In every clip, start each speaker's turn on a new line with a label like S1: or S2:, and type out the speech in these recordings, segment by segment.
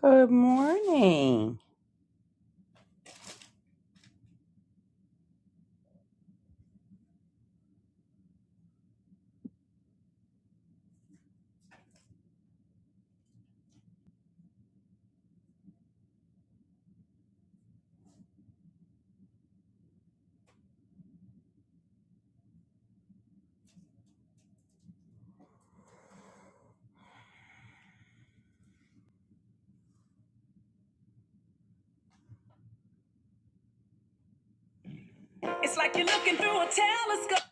S1: Good morning. It's like you're looking through a telescope.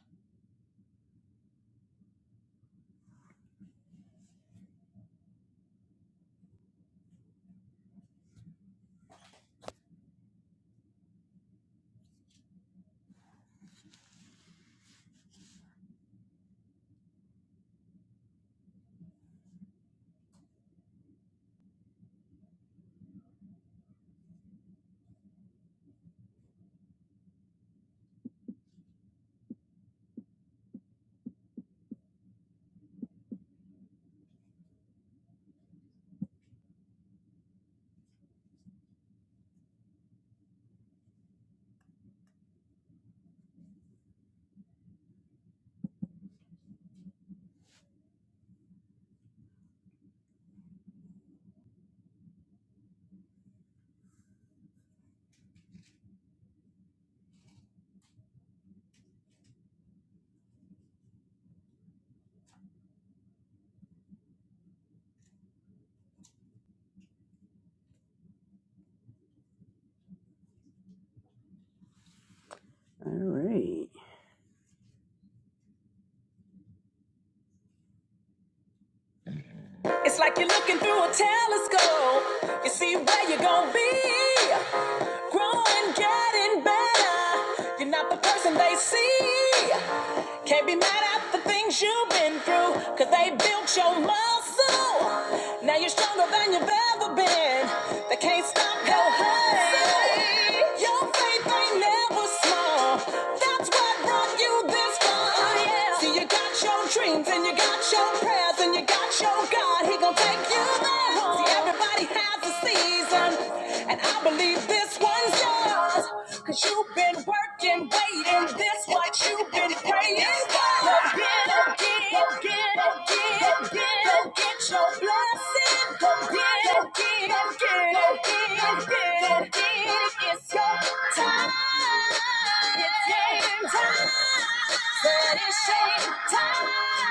S1: It's like you're looking through a telescope. You see where you're gonna be. Growing, getting better. You're not the person they see. Can't be mad at the things you've been through, cause they built your muscle. Now you're stronger than you've ever been. They can't stop your hustle. Your faith ain't never small. That's what brought you this far. See, you got your dreams and you got your prayers and you got your God. He gon' take you there. See, everybody has a season, and I believe this one's yours. Cause you've been working, waiting, this what you've been praying for. Go get it, get it, get it, get it, get it. Get your blessing. Go get it, get it, get it, get it, get go get it. It's your time time. It's game time. But it's shame time.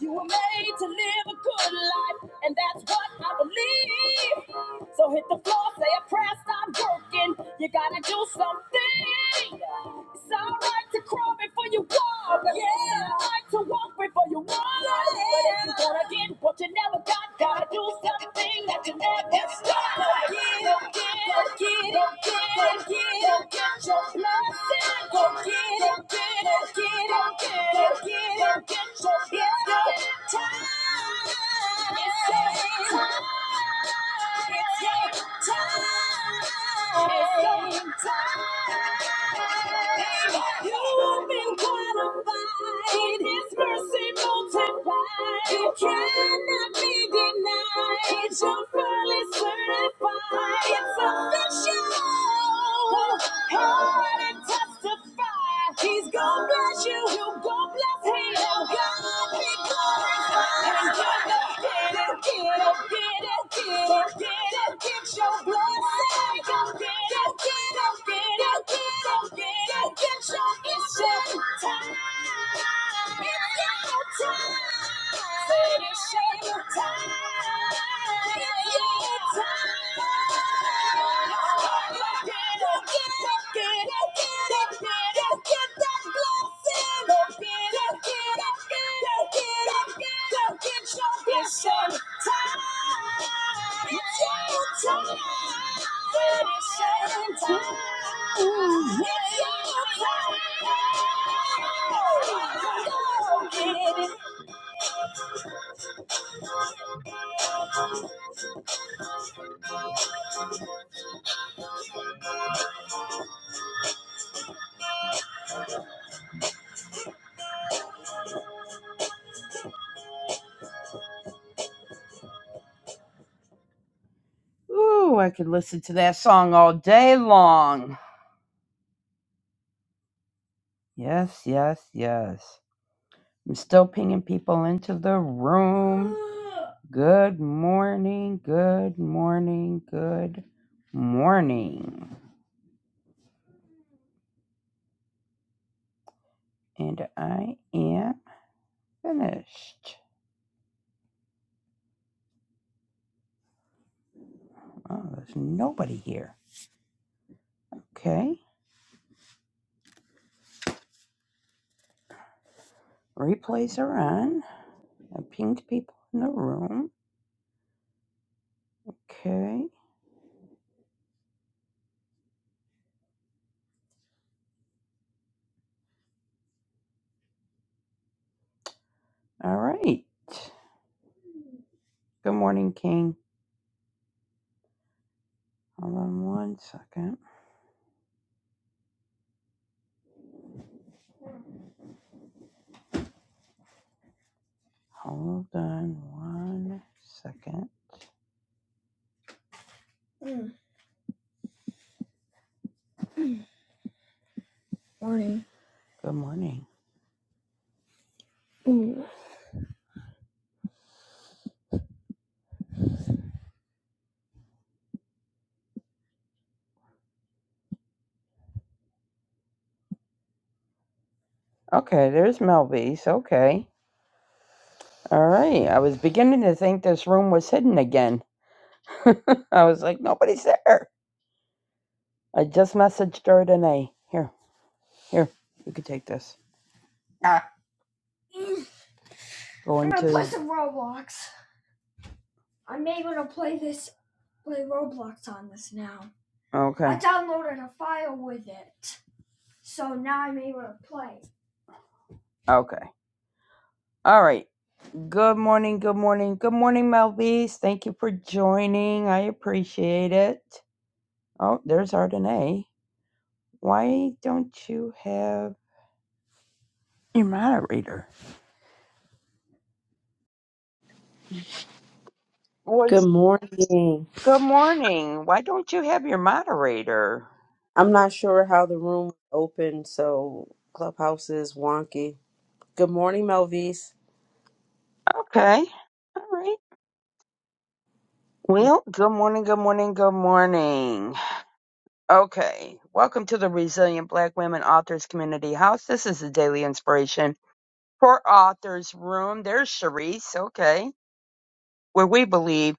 S1: You were made to live a good life, and that's what I believe. So hit the floor, say a prayer, stop working. You gotta do something. It's alright to crawl before you walk. Yeah. It's alright to walk before you walk. Yeah. But if you gonna get what you never got, gotta do something that you never got. Yeah your It's your Time. You have been qualified. His mercy multiplied. It cannot be denied. You're fully certified. It's official. Heard and testify. He's gonna bless you. You're gonna bless him. God be glorified. And God get it, get it, get it, get it, get it, get your blessing. Get it, get it. It's your time. It's your time. Ooh, I could listen to that song all day long. Yes, yes, yes. I'm still pinging people into the room. Good morning, good morning, good morning. And I am finished. Oh, there's nobody here. Okay, replays are on. I pinged people in the room. Okay. All right. Good morning, King. Hold on one second. Hold on one second. Good morning. Okay, there's Melby's. Okay. All right. I was beginning to think this room was hidden again. I was like, nobody's there. I just messaged her today. Here, here. You can take this. Ah. Go into Roblox. I'm able to play this play Roblox on this now. Okay. I Okay. downloaded a file with it, so now I'm able to play. Okay. All right. Good morning. Good morning. Good morning, Melvise. Thank you for joining. I appreciate it. Oh, there's Ardenae. Why don't you have your moderator?
S2: Good
S1: Was
S2: morning.
S1: good morning. Why don't you have your moderator?
S2: I'm not sure how the room opened, so Clubhouse is wonky. Good morning, Melvise.
S1: Okay. All right. Well, good morning. Good morning. Good morning. Okay, welcome to the Resilient Black Women Authors Community House. This is the Daily Inspiration for Authors Room. There's Sharice, okay, where we believe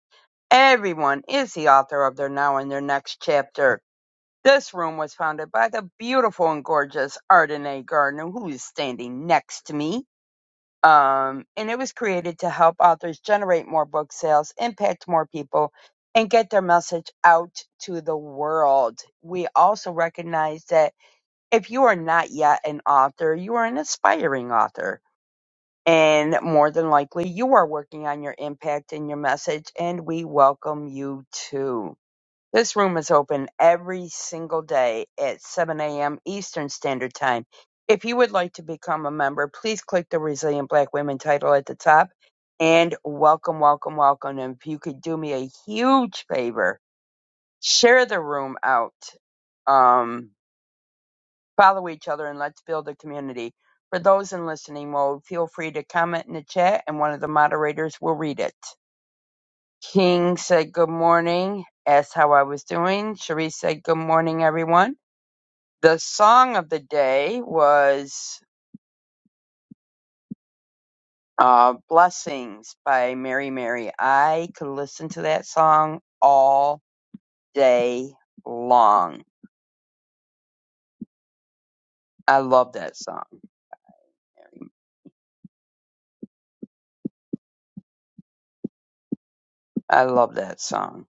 S1: everyone is the author of their now and their next chapter. This room was founded by the beautiful and gorgeous Ardenae Gardner, who is standing next to me. Um, and it was created to help authors generate more book sales, impact more people, and get their message out to the world. We also recognize that if you are not yet an author, you are an aspiring author. And more than likely, you are working on your impact and your message, and we welcome you too. This room is open every single day at 7 a.m. Eastern Standard Time. If you would like to become a member, please click the Resilient Black Women title at the top. And welcome, welcome, welcome. And if you could do me a huge favor, share the room out. Um, follow each other and let's build a community. For those in listening mode, feel free to comment in the chat and one of the moderators will read it. King said good morning, asked how I was doing. Cherise said good morning, everyone. The song of the day was uh, Blessings by Mary Mary. I could listen to that song all day long. I love that song. I love that song.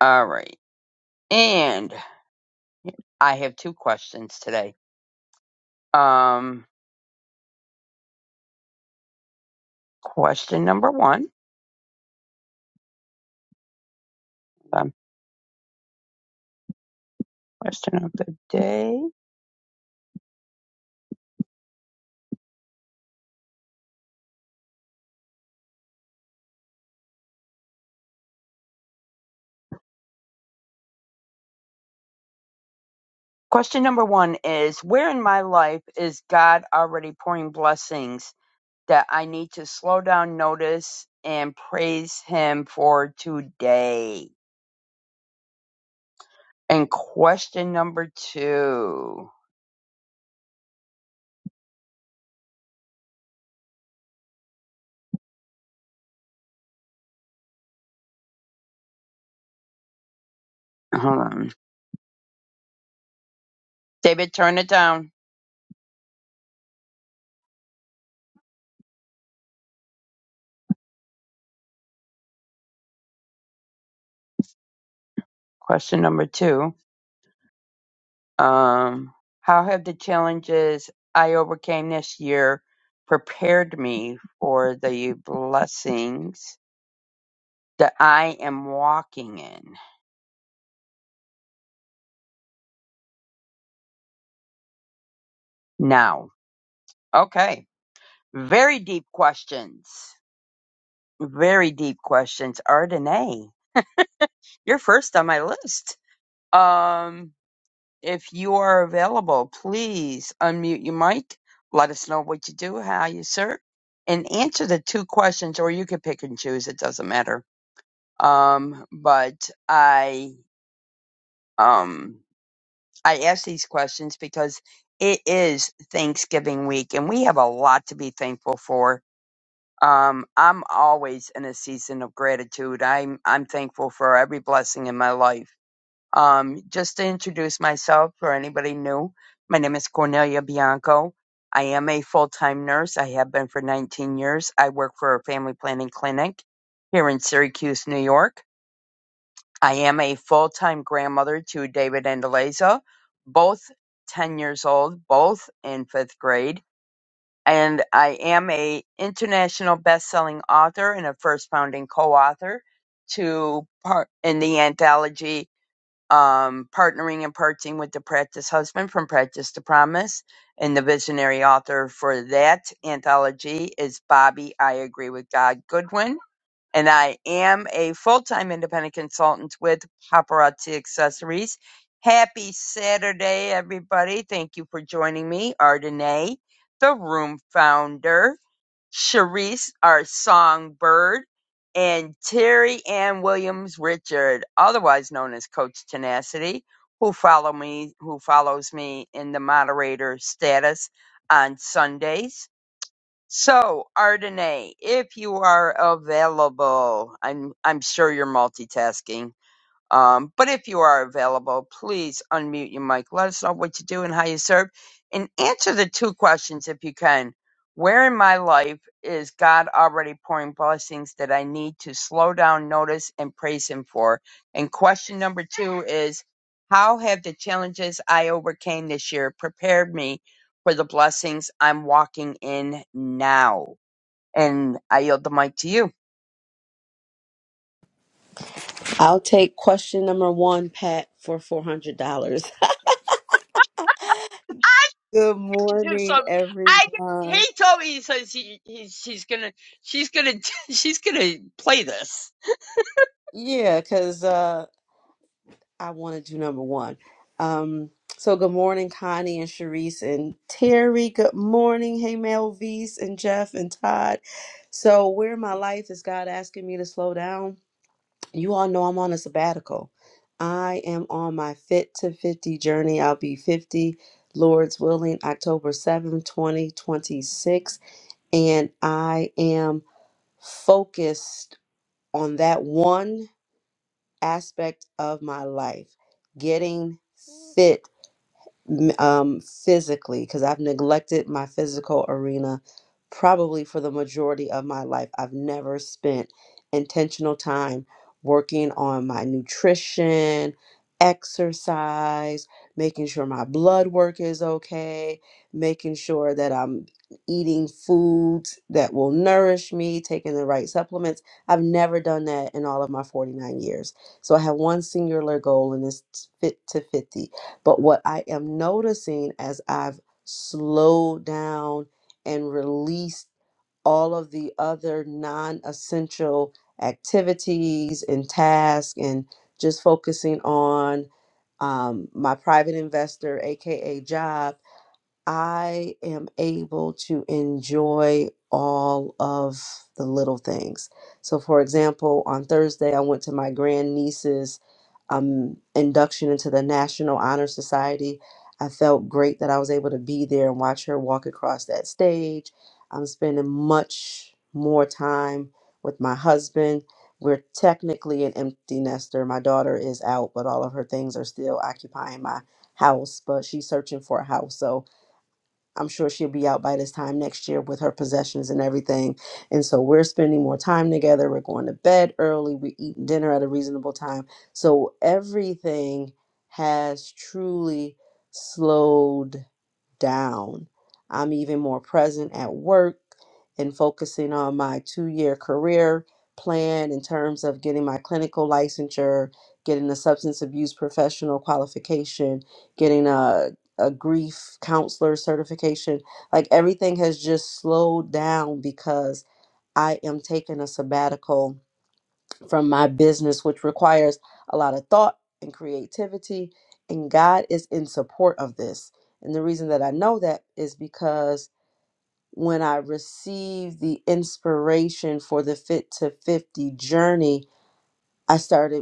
S1: All right. And I have two questions today. Um, question number one. Um, question of the day. Question number one is Where in my life is God already pouring blessings that I need to slow down, notice, and praise Him for today? And question number two. Hold on. David, turn it down. Question number two. Um, how have the challenges I overcame this year prepared me for the blessings that I am walking in now? Okay. Very deep questions. Very deep questions. Ardenae, you're first on my list. Um, if you are available, please unmute your mic. Let us know what you do, how you serve, and answer the two questions, or you could pick and choose. It doesn't matter um, but I um, I ask these questions because it is Thanksgiving week, and we have a lot to be thankful for. Um, I'm always in a season of gratitude. I'm I'm thankful for every blessing in my life. Um, just to introduce myself for anybody new, my name is Cornelia Bianco. I am a full-time nurse. I have been for 19 years. I work for a family planning clinic here in Syracuse, New York. I am a full time grandmother to David and Eliza, both 10 years old, both in fifth grade. And I am a international best selling author and a first founding co author to part in the anthology um, Partnering and Parting with the Practice Husband from Practice to Promise. And the visionary author for that anthology is Bobby I Agree with God Goodwin and I am a full-time independent consultant with Paparazzi Accessories. Happy Saturday, everybody. Thank you for joining me, Ardenae, the room founder, Sharice, our songbird, and Terry Ann Williams Richard, otherwise known as Coach Tenacity, who follow me who follows me in the moderator status on Sundays. So, Ardenae, if you are available, I'm I'm sure you're multitasking. Um, but if you are available, please unmute your mic. Let us know what you do and how you serve. And answer the two questions if you can. Where in my life is God already pouring blessings that I need to slow down, notice, and praise Him for? And question number two is How have the challenges I overcame this year prepared me for the blessings I'm walking in now? And I yield the mic to you.
S2: I'll take question number one, Pat, for $400. Good
S1: to do
S2: morning,
S1: some. I he
S2: everyone.
S1: told me he says he, he's he's gonna she's gonna she's gonna play this.
S2: Yeah, because uh, I want to do number one. Um, so, good morning, Connie and Sharice and Terry. Good morning. Hey, Melvise and Jeff and Todd. So, where in my life is God asking me to slow down? you all know I'm on a sabbatical. I am on my fit to 50 journey. I'll be 50, Lord's willing, October seventh, twenty 2026. And I am focused on that one aspect of my life getting fit m- um, physically because I've neglected my physical arena probably for the majority of my life. I've never spent intentional time working on my nutrition, exercise, making sure my blood work is okay, making sure that I'm eating foods that will nourish me, taking the right supplements. I've never done that in all of my 49 years. So I have one singular goal and it's fit to 50 but what I am noticing as I've slowed down and released all of the other non essential activities and tasks and just focusing on um, my private investor, AKA job I am able to enjoy all of the little things. So, for example, on Thursday, I went to my grandniece's um, induction into the National Honor Society. I felt great that I was able to be there and watch her walk across that stage. I'm spending much more time with my husband. We're technically an empty nester. My daughter is out, but all of her things are still occupying my house, but she's searching for a house. So, I'm sure she'll be out by this time next year with her possessions and everything. And so we're spending more time together. We're going to bed early. We're eating dinner at a reasonable time. So everything has truly slowed down. I'm even more present at work and focusing on my two year career plan in terms of getting my clinical licensure, getting a substance abuse professional qualification, getting a, a grief counselor certification. Like everything has just slowed down because I am taking a sabbatical from my business, which requires a lot of thought and creativity. And God is in support of this. And the reason that I know that is because when I received the inspiration for the Fit to 50 journey, I started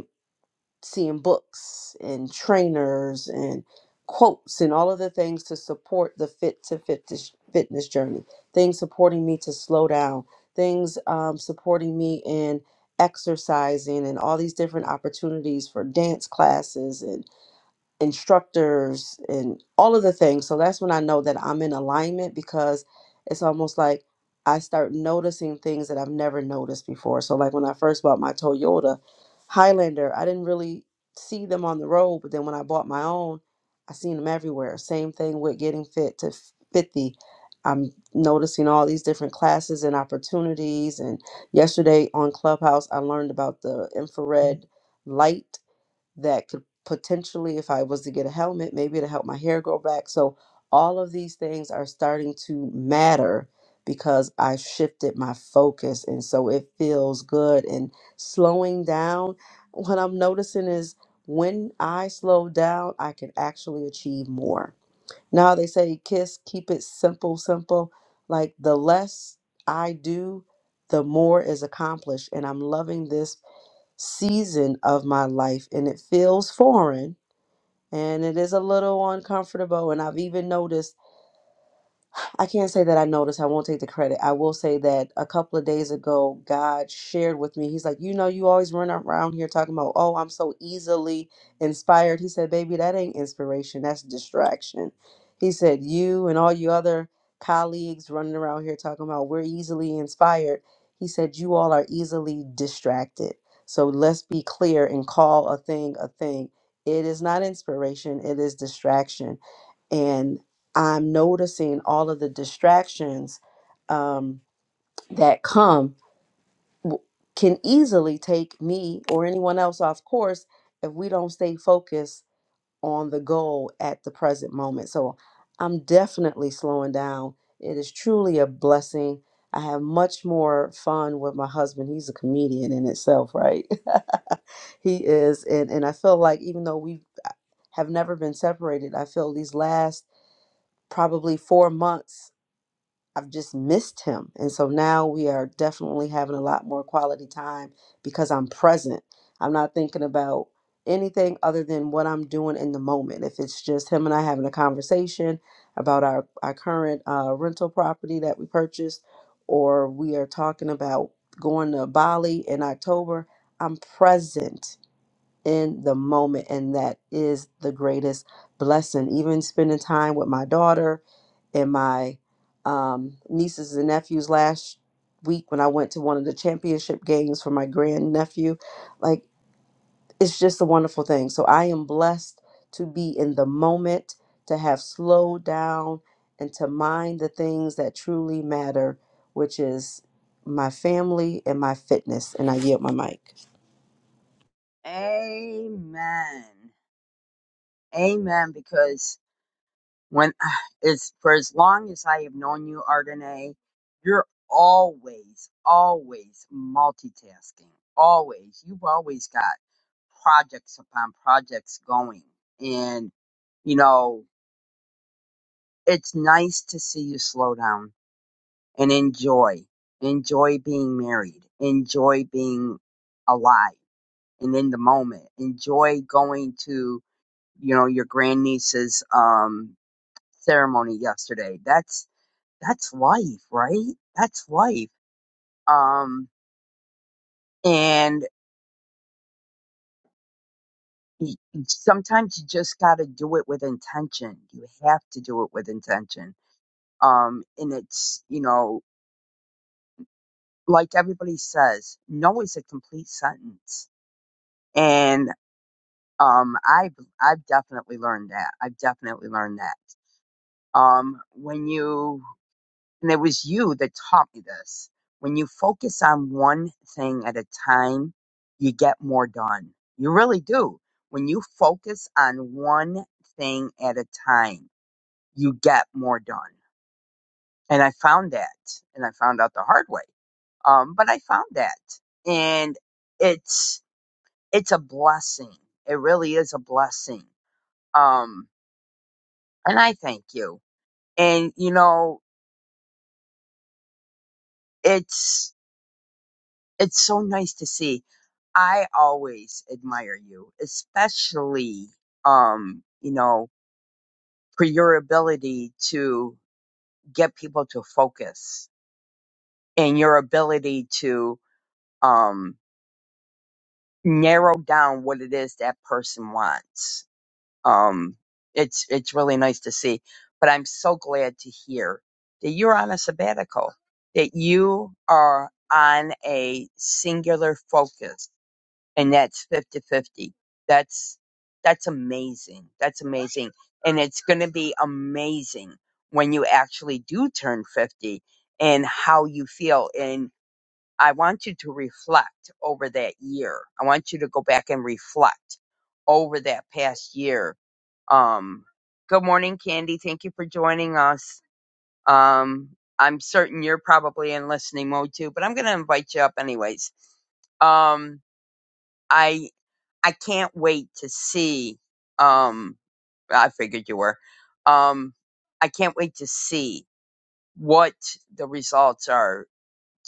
S2: seeing books and trainers and quotes and all of the things to support the fit to fitness fitness journey. Things supporting me to slow down. Things um, supporting me in exercising and all these different opportunities for dance classes and instructors and all of the things. So that's when I know that I'm in alignment because it's almost like I start noticing things that I've never noticed before. So like when I first bought my Toyota Highlander, I didn't really see them on the road, but then when I bought my own, I seen them everywhere. Same thing with getting fit to 50. I'm noticing all these different classes and opportunities and yesterday on Clubhouse I learned about the infrared light that could potentially, if I was to get a helmet, maybe to help my hair grow back. So all of these things are starting to matter because I shifted my focus. And so it feels good. And slowing down, what I'm noticing is when I slow down, I can actually achieve more. Now they say, kiss, keep it simple, simple. Like the less I do, the more is accomplished. And I'm loving this season of my life and it feels foreign and it is a little uncomfortable and i've even noticed I can't say that I noticed. I won't take the credit. I will say that a couple of days ago, God shared with me. He's like, You know, you always run around here talking about, oh, I'm so easily inspired. He said, Baby, that ain't inspiration. That's distraction. He said, You and all your other colleagues running around here talking about, we're easily inspired. He said, You all are easily distracted. So let's be clear and call a thing a thing. It is not inspiration, it is distraction and I'm noticing all of the distractions um, that come w- can easily take me or anyone else off course if we don't stay focused on the goal at the present moment. So I'm definitely slowing down. It is truly a blessing. I have much more fun with my husband. He's a comedian in itself, right? he is. And, and I feel like even though we uh, have never been separated, I feel these last probably four months i've just missed him and so now we are definitely having a lot more quality time because i'm present i'm not thinking about anything other than what i'm doing in the moment if it's just him and i having a conversation about our, our current uh, rental property that we purchased or we are talking about going to bali in october i'm present in the moment and that is the greatest blessing even spending time with my daughter and my um, nieces and nephews last week when I went to one of the championship games for my grandnephew. Like, it's just a wonderful thing. So I am blessed to be in the moment, to have slowed down, and to mind the things that truly matter, which is my family and my fitness. And I yield my mic.
S1: Amen. Amen. Because when it's for as long as I have known you, Ardenae, you're always, always multitasking. Always. You've always got projects upon projects going. And, you know, it's nice to see you slow down and enjoy. Enjoy being married. Enjoy being alive and in the moment. Enjoy going to, you know, your grandniece's um ceremony yesterday. That's that's life, right? That's life. Um and y- sometimes you just got to do it with intention. You have to do it with intention. Um and it's, you know, like everybody says, no is a complete sentence. and. Um, I've I've definitely learned that. I've definitely learned that. Um, when you and it was you that taught me this. When you focus on one thing at a time, you get more done. You really do. When you focus on one thing at a time, you get more done. And I found that, and I found out the hard way. Um, but I found that, and it's it's a blessing. It really is a blessing. Um, and I thank you. And you know, it's it's so nice to see. I always admire you, especially um, you know, for your ability to get people to focus and your ability to um narrow down what it is that person wants. um it's it's really nice to see but i'm so glad to hear that you're on a sabbatical that you are on a singular focus and that's 50-50 that's that's amazing that's amazing and it's going to be amazing when you actually do turn 50 and how you feel and i want you to reflect over that year i want you to go back and reflect over that past year um, good morning, Candy. Thank you for joining us. Um, I'm certain you're probably in listening mode too, but I'm going to invite you up anyways. Um, I I can't wait to see. Um, I figured you were. Um, I can't wait to see what the results are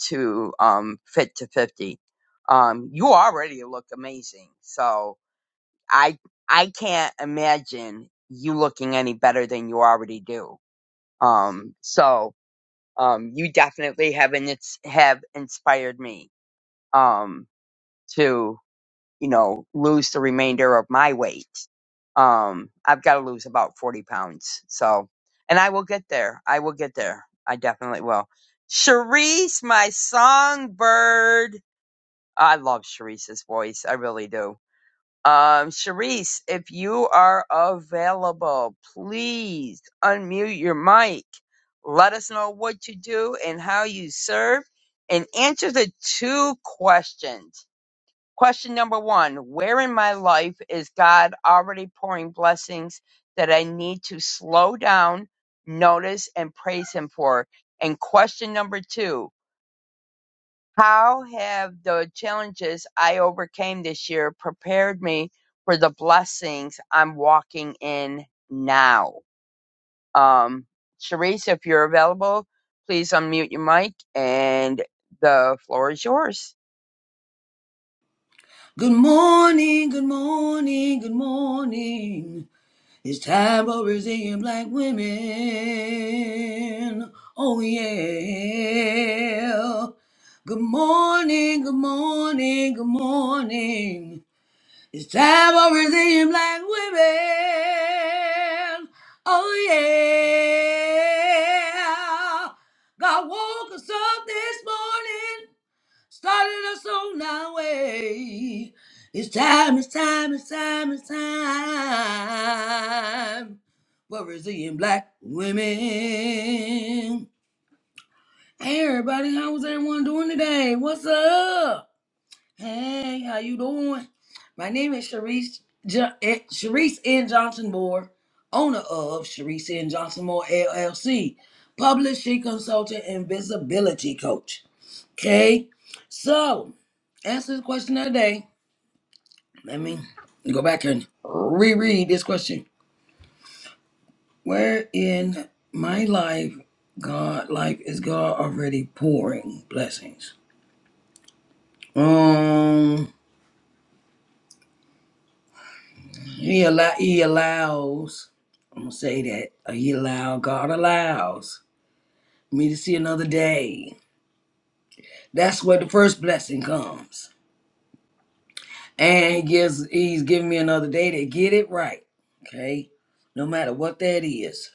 S1: to um fit to fifty. Um, you already look amazing, so I I can't imagine you looking any better than you already do Um, so um, you definitely have and it's have inspired me um, to you know lose the remainder of my weight. Um, I've got to lose about forty pounds. So, and I will get there. I will get there. I definitely will. Charisse, my songbird. I love Charise's voice. I really do. Um, Sharice, if you are available, please unmute your mic. Let us know what you do and how you serve and answer the two questions. Question number one, where in my life is God already pouring blessings that I need to slow down, notice, and praise Him for? And question number two, how have the challenges I overcame this year prepared me for the blessings I'm walking in now? Um, Sharice, if you're available, please unmute your mic and the floor is yours.
S3: Good morning, good morning, good morning. It's time for Brazilian black women. Oh, yeah. Good morning, good morning, good morning. It's time for Brazilian black women. Oh, yeah. God woke us up this morning Started us on our way. It's time, it's time, it's time, it's time for resilient black women. Hey everybody, how's everyone doing today? What's up? Hey, how you doing? My name is Sharice jo- eh, Sharice N. Johnson Moore, owner of Sharice N. Johnson Moore LLC, publishing consultant and visibility coach. Okay. So, answer the question of the day. Let me go back and reread this question. Where in my life, God life is God already pouring blessings? Um, he allow he allows. I'm gonna say that uh, he allow God allows me to see another day. That's where the first blessing comes, and he gives he's giving me another day to get it right. Okay, no matter what that is.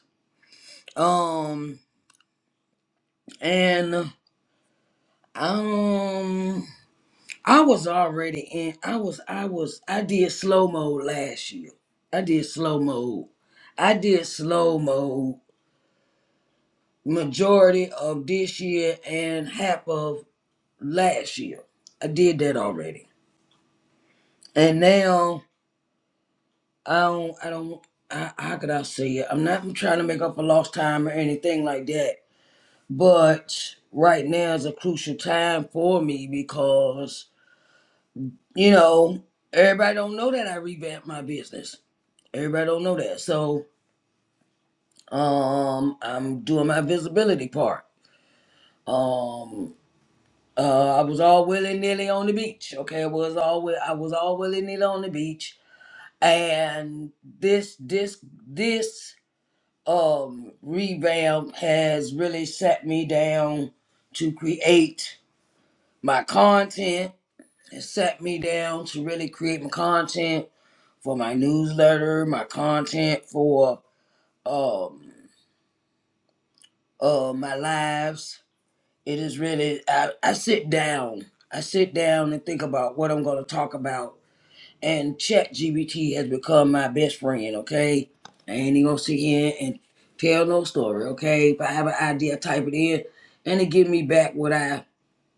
S3: Um, and um, I was already in. I was, I was, I did slow mode last year. I did slow mode. I did slow mode majority of this year and half of last year. I did that already, and now I don't. I don't. I, how could I say it? I'm not trying to make up for lost time or anything like that, but right now is a crucial time for me because you know, everybody don't know that I revamped my business. Everybody don't know that. So um I'm doing my visibility part. Um uh I was all willy nilly on the beach. Okay, I was all wi- I was all willy nilly on the beach. And this this this um revamp has really set me down to create my content. It set me down to really create my content for my newsletter, my content, for um uh my lives. It is really I, I sit down. I sit down and think about what I'm gonna talk about. And ChatGPT has become my best friend, okay? I ain't even gonna sit here and tell no story, okay? If I have an idea, I type it in and it give me back what I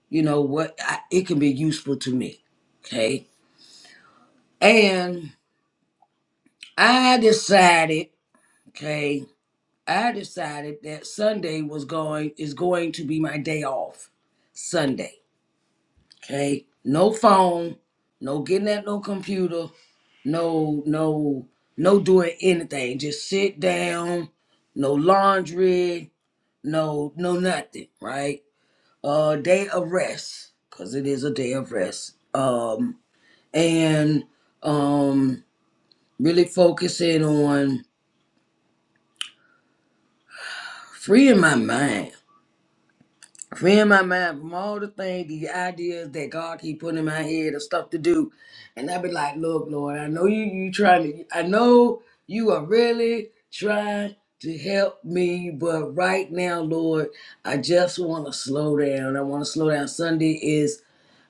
S3: you know what I, it can be useful to me. Okay. And I decided, okay. I decided that Sunday was going is going to be my day off. Sunday. Okay. No phone, no getting at no computer, no no no doing anything. Just sit down, no laundry, no no nothing, right? Uh day of rest. Cause it is a day of rest. Um and um really focusing on freeing my mind Free my mind from all the things, the ideas that God keep putting in my head of stuff to do. And I be like, look, Lord, I know you you trying to I know you are really trying to help me, but right now, Lord, I just want to slow down. I want to slow down. Sunday is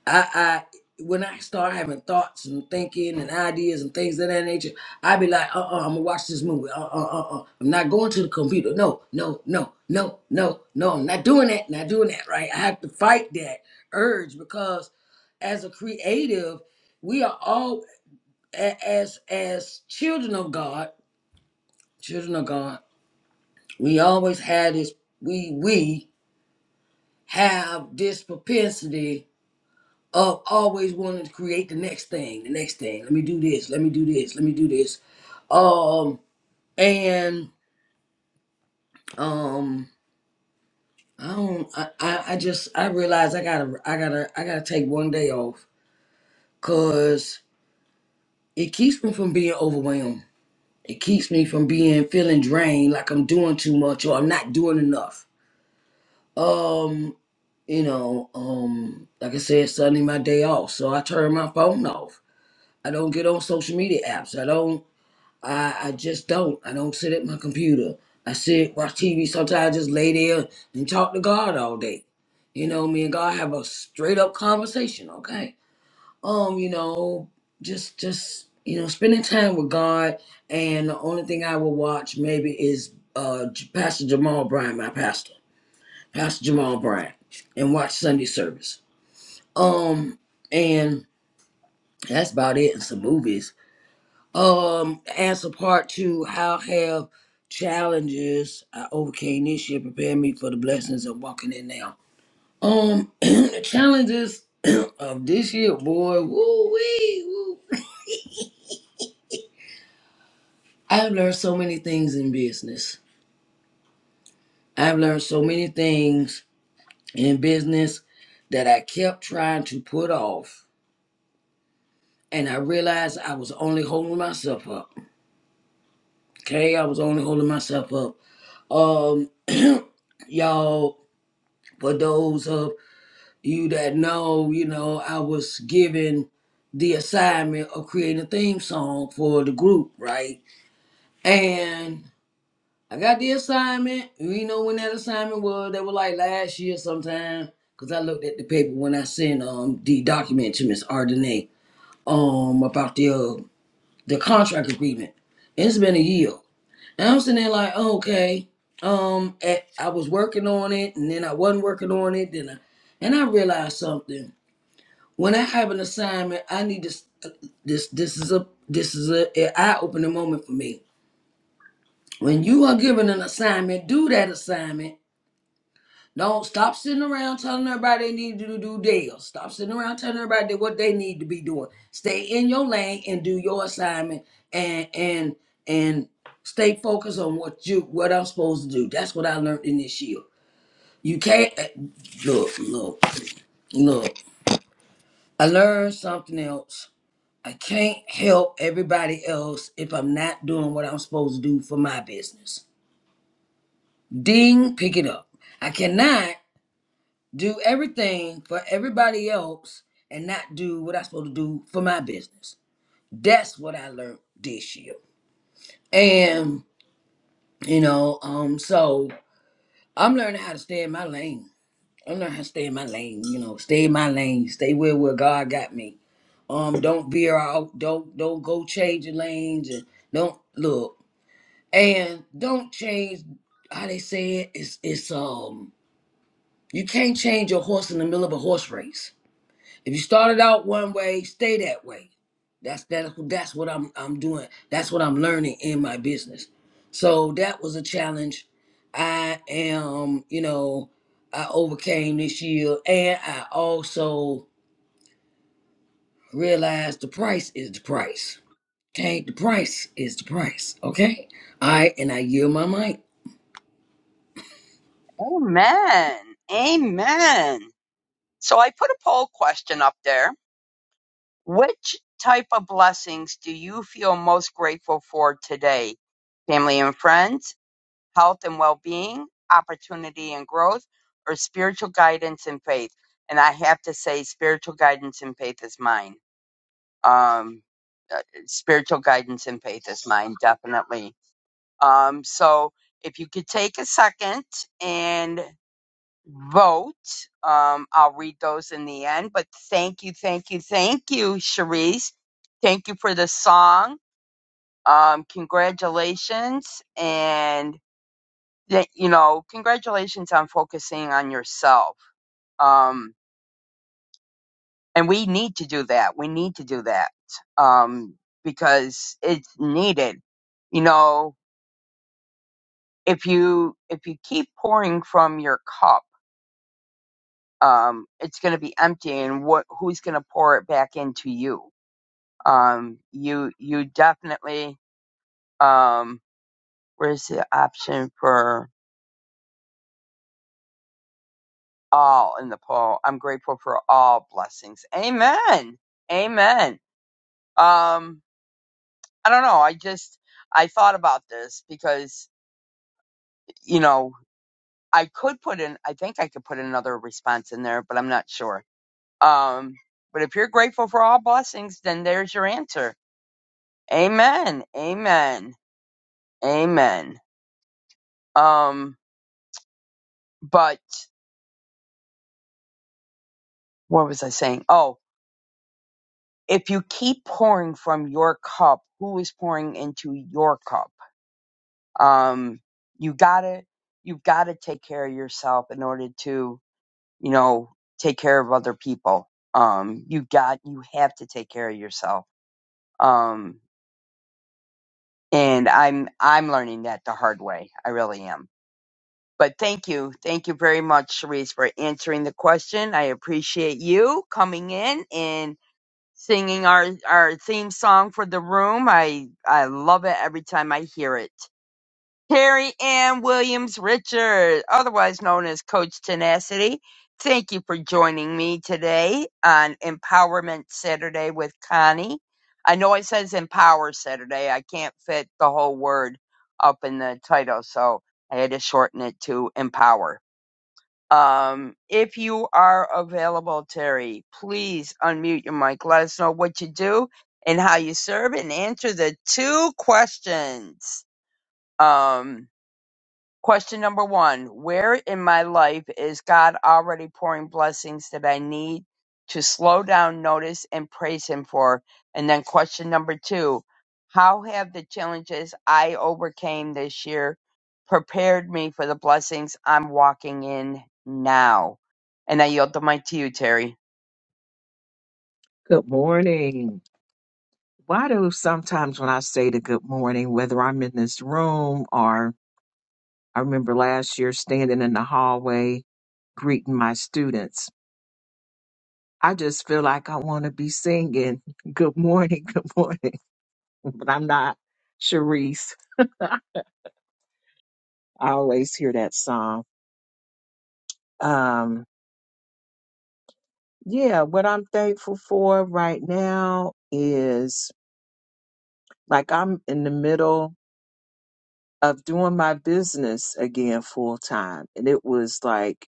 S3: I, I when I start having thoughts and thinking and ideas and things of that nature, I be like, uh, uh-uh, I'm gonna watch this movie. Uh, uh, uh, uh, I'm not going to the computer. No, no, no, no, no, no. I'm not doing that. Not doing that. Right. I have to fight that urge because, as a creative, we are all a- as as children of God. Children of God. We always had this. We we have this propensity of always wanting to create the next thing, the next thing. Let me do this. Let me do this. Let me do this. Um, and um, I don't. I I, I just I realize I gotta I gotta I gotta take one day off because it keeps me from being overwhelmed. It keeps me from being feeling drained, like I'm doing too much or I'm not doing enough. Um, you know, um, like I said, Sunday my day off, so I turn my phone off. I don't get on social media apps. I don't. I, I just don't. I don't sit at my computer. I sit, watch TV. Sometimes I just lay there and talk to God all day. You know, me and God have a straight up conversation, okay? Um, you know, just just you know, spending time with God and the only thing I will watch maybe is uh J- Pastor Jamal Bryant, my pastor. Pastor Jamal Bryant, and watch Sunday service. Um and that's about it and some movies um, answer part two. How have challenges I overcame this year prepared me for the blessings of walking in now? Um, the challenges of this year, boy, woo wee, woo. I've learned so many things in business. I've learned so many things in business that I kept trying to put off. And I realized I was only holding myself up. Okay, I was only holding myself up. Um, y'all, for those of you that know, you know, I was given the assignment of creating a theme song for the group, right? And I got the assignment. You know when that assignment was? That was like last year sometime. Cause I looked at the paper when I sent um the document to Miss Ardenay um about the uh, the contract agreement. It's been a year. And I'm sitting there like, oh, okay. Um, eh, I was working on it, and then I wasn't working on it. Then I, and I realized something when I have an assignment, I need this. This this is a this is a an eye opening moment for me. When you are given an assignment, do that assignment. Don't stop sitting around telling everybody they need to do deals. Stop sitting around telling everybody what they need to be doing. Stay in your lane and do your assignment and and and stay focused on what you what I'm supposed to do. That's what I learned in this year. You can't uh, look, look, look. I learned something else I can't help everybody else if I'm not doing what I'm supposed to do for my business. Ding, pick it up. I cannot do everything for everybody else and not do what I'm supposed to do for my business. That's what I learned this year. And, you know, um, so I'm learning how to stay in my lane. I'm learning how to stay in my lane, you know, stay in my lane, stay where, where God got me. Um, don't veer out, don't don't go changing lanes and don't look. and don't change how they say it. It's it's um you can't change your horse in the middle of a horse race. If you started out one way, stay that way. That's that that's what I'm I'm doing. That's what I'm learning in my business. So that was a challenge. I am, you know, I overcame this year and I also realized the price is the price. Okay, the price is the price. Okay? I and I yield my mic.
S1: Amen. Amen. So I put a poll question up there. Which type of blessings do you feel most grateful for today? Family and friends? health and well being, opportunity and growth, or spiritual guidance and faith. And I have to say, spiritual guidance and faith is mine. Um, uh, spiritual guidance and faith is mine, definitely. Um, so if you could take a second and vote, um, I'll read those in the end. But thank you, thank you, thank you, Cherise. Thank you for the song. Um, congratulations. And that you know congratulations on focusing on yourself um and we need to do that we need to do that um because it's needed you know if you if you keep pouring from your cup um it's going to be empty and what who's going to pour it back into you um you you definitely um where's the option for all in the poll i'm grateful for all blessings amen amen Um, I don't know. I just I thought about this because you know I could put in. I think I could put another response in there, but I'm not sure. Um, but if you're grateful for all blessings, then there's your answer. Amen. Amen. Amen. Um, but what was I saying? Oh, if you keep pouring from your cup, who is pouring into your cup? Um, you gotta, you've gotta take care of yourself in order to you know, take care of other people. Um, you got, you have to take care of yourself. Um, and I'm, I'm learning that the hard way. I really am. But thank you. Thank you very much, Sharice, for answering the question. I appreciate you coming in and singing our, our theme song for the room. I, I love it every time I hear it. Terry Ann Williams Richard, otherwise known as Coach Tenacity. Thank you for joining me today on Empowerment Saturday with Connie. I know it says Empower Saturday. I can't fit the whole word up in the title, so I had to shorten it to Empower. Um, if you are available, Terry, please unmute your mic. Let us know what you do and how you serve and answer the two questions. Um, Question number one Where in my life is God already pouring blessings that I need to slow down, notice, and praise Him for? And then question number two How have the challenges I overcame this year prepared me for the blessings I'm walking in now? And I yield the mic to you, Terry.
S4: Good morning. Why do sometimes when I say the good morning, whether I'm in this room or I remember last year standing in the hallway greeting my students, I just feel like I want to be singing good morning, good morning, but I'm not Sharice. I always hear that song. Um, yeah, what I'm thankful for right now is like I'm in the middle. of doing my business again full time. And it was like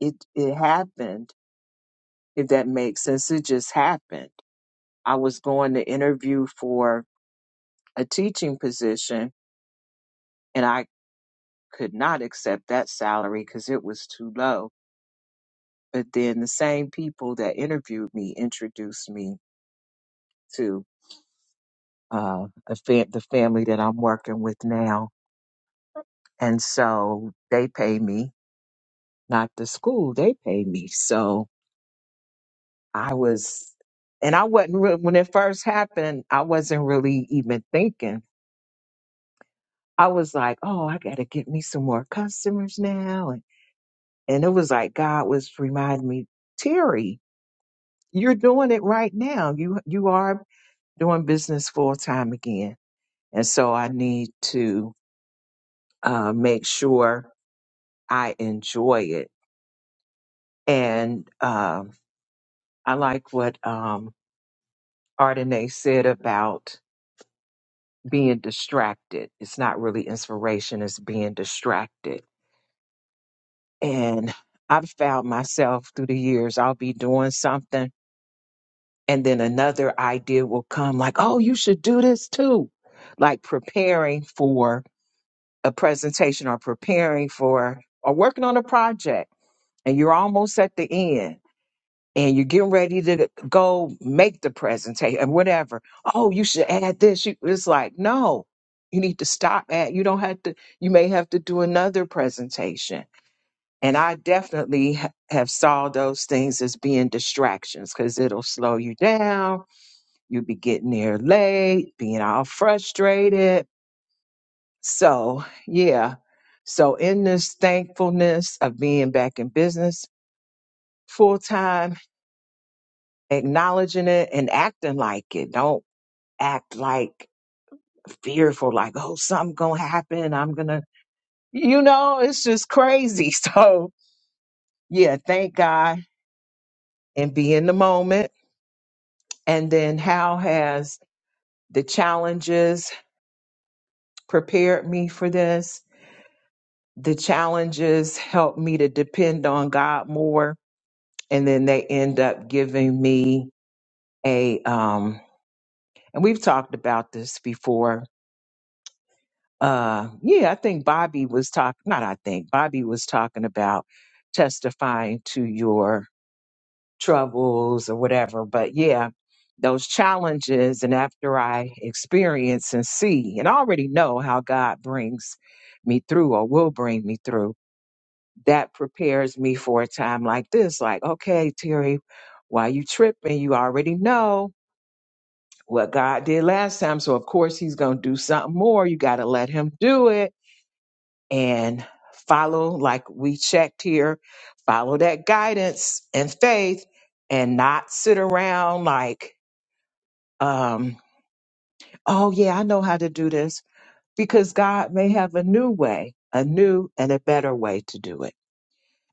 S4: it it happened, if that makes sense. It just happened. I was going to interview for a teaching position and I could not accept that salary because it was too low. But then the same people that interviewed me introduced me to uh, a fa- the family that I'm working with now. And so they pay me, not the school, they pay me. So I was, and I wasn't re- when it first happened. I wasn't really even thinking. I was like, "Oh, I got to get me some more customers now," and and it was like God was reminding me, Terry, you're doing it right now. You you are doing business full time again, and so I need to uh, make sure I enjoy it. And um, I like what um, Ardenae said about. being distracted. It's not really inspiration, it's being distracted. And I've found myself through the years, I'll be doing something, and then another idea will come like, oh, you should do this too. Like preparing for a presentation or preparing for or working on a project, and you're almost at the end and you're getting ready to go make the presentation and whatever. Oh, you should add this. You, it's like, no, you need to stop at, you don't have to, you may have to do another presentation. And I definitely ha- have saw those things as being distractions because it'll slow you down. You'll be getting there late, being all frustrated. So, yeah. So, in this thankfulness of being back in business full time, acknowledging it and acting like it. Don't act like fearful, like, oh, something gonna happen. I'm gonna, you know, it's just crazy. So, yeah, thank God and be in the moment. And then, how has the challenges prepared me for this? The challenges help me to depend on God more. And then they end up giving me a, um, and we've talked about this before, uh yeah i think bobby was talking not i think bobby was talking about testifying to your troubles or whatever but yeah those challenges and after i experience and see and already know how god brings me through or will bring me through that prepares me for a time like this like okay terry why you tripping you already know what god did last time so of course he's gonna do something more you gotta let him do it and follow, like we checked here, follow that guidance and faith and not sit around like, um, oh, yeah, I know how to do this because God may have a new way, a new and a better way to do it.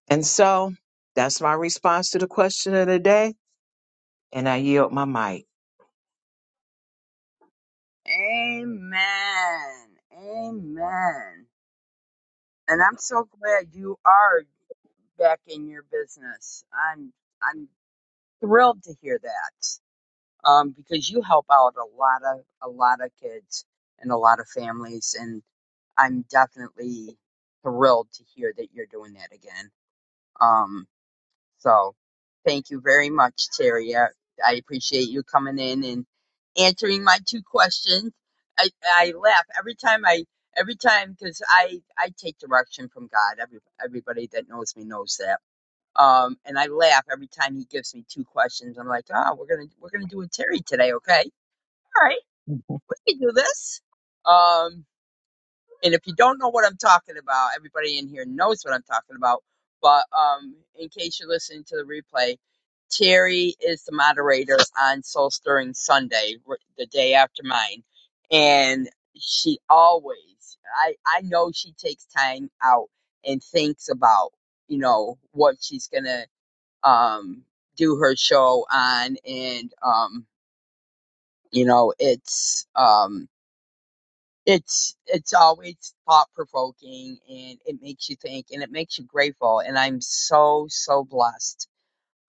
S4: And so that's my response to the question of the day And I yield my mic.
S1: Amen. Amen. And I'm so glad you are back in your business. I'm. I'm thrilled to hear that um, because you help out a lot of a lot of kids and a lot of families, and I'm definitely thrilled to hear that you're doing that again. Um, so thank you very much, Terry. I, I appreciate you coming in and answering my two questions. I, I laugh every time I every time because I I take direction from God. Every, everybody that knows me knows that um, and I laugh every time he gives me two questions. I'm like, oh, we're gonna we're gonna do a Terry today, okay? All right, we can do this. Um, and if you don't know what I'm talking about, everybody in here knows what I'm talking about. But um, in case you're listening to the replay, Terry is the moderator on Soul Stirring Sunday, r- the day after mine, and she always, I I know she takes time out and thinks about you know what she's gonna um, do her show on, and um, you know, it's um, it's it's always thought provoking, and it makes you think, and it makes you grateful, and I'm so so blessed.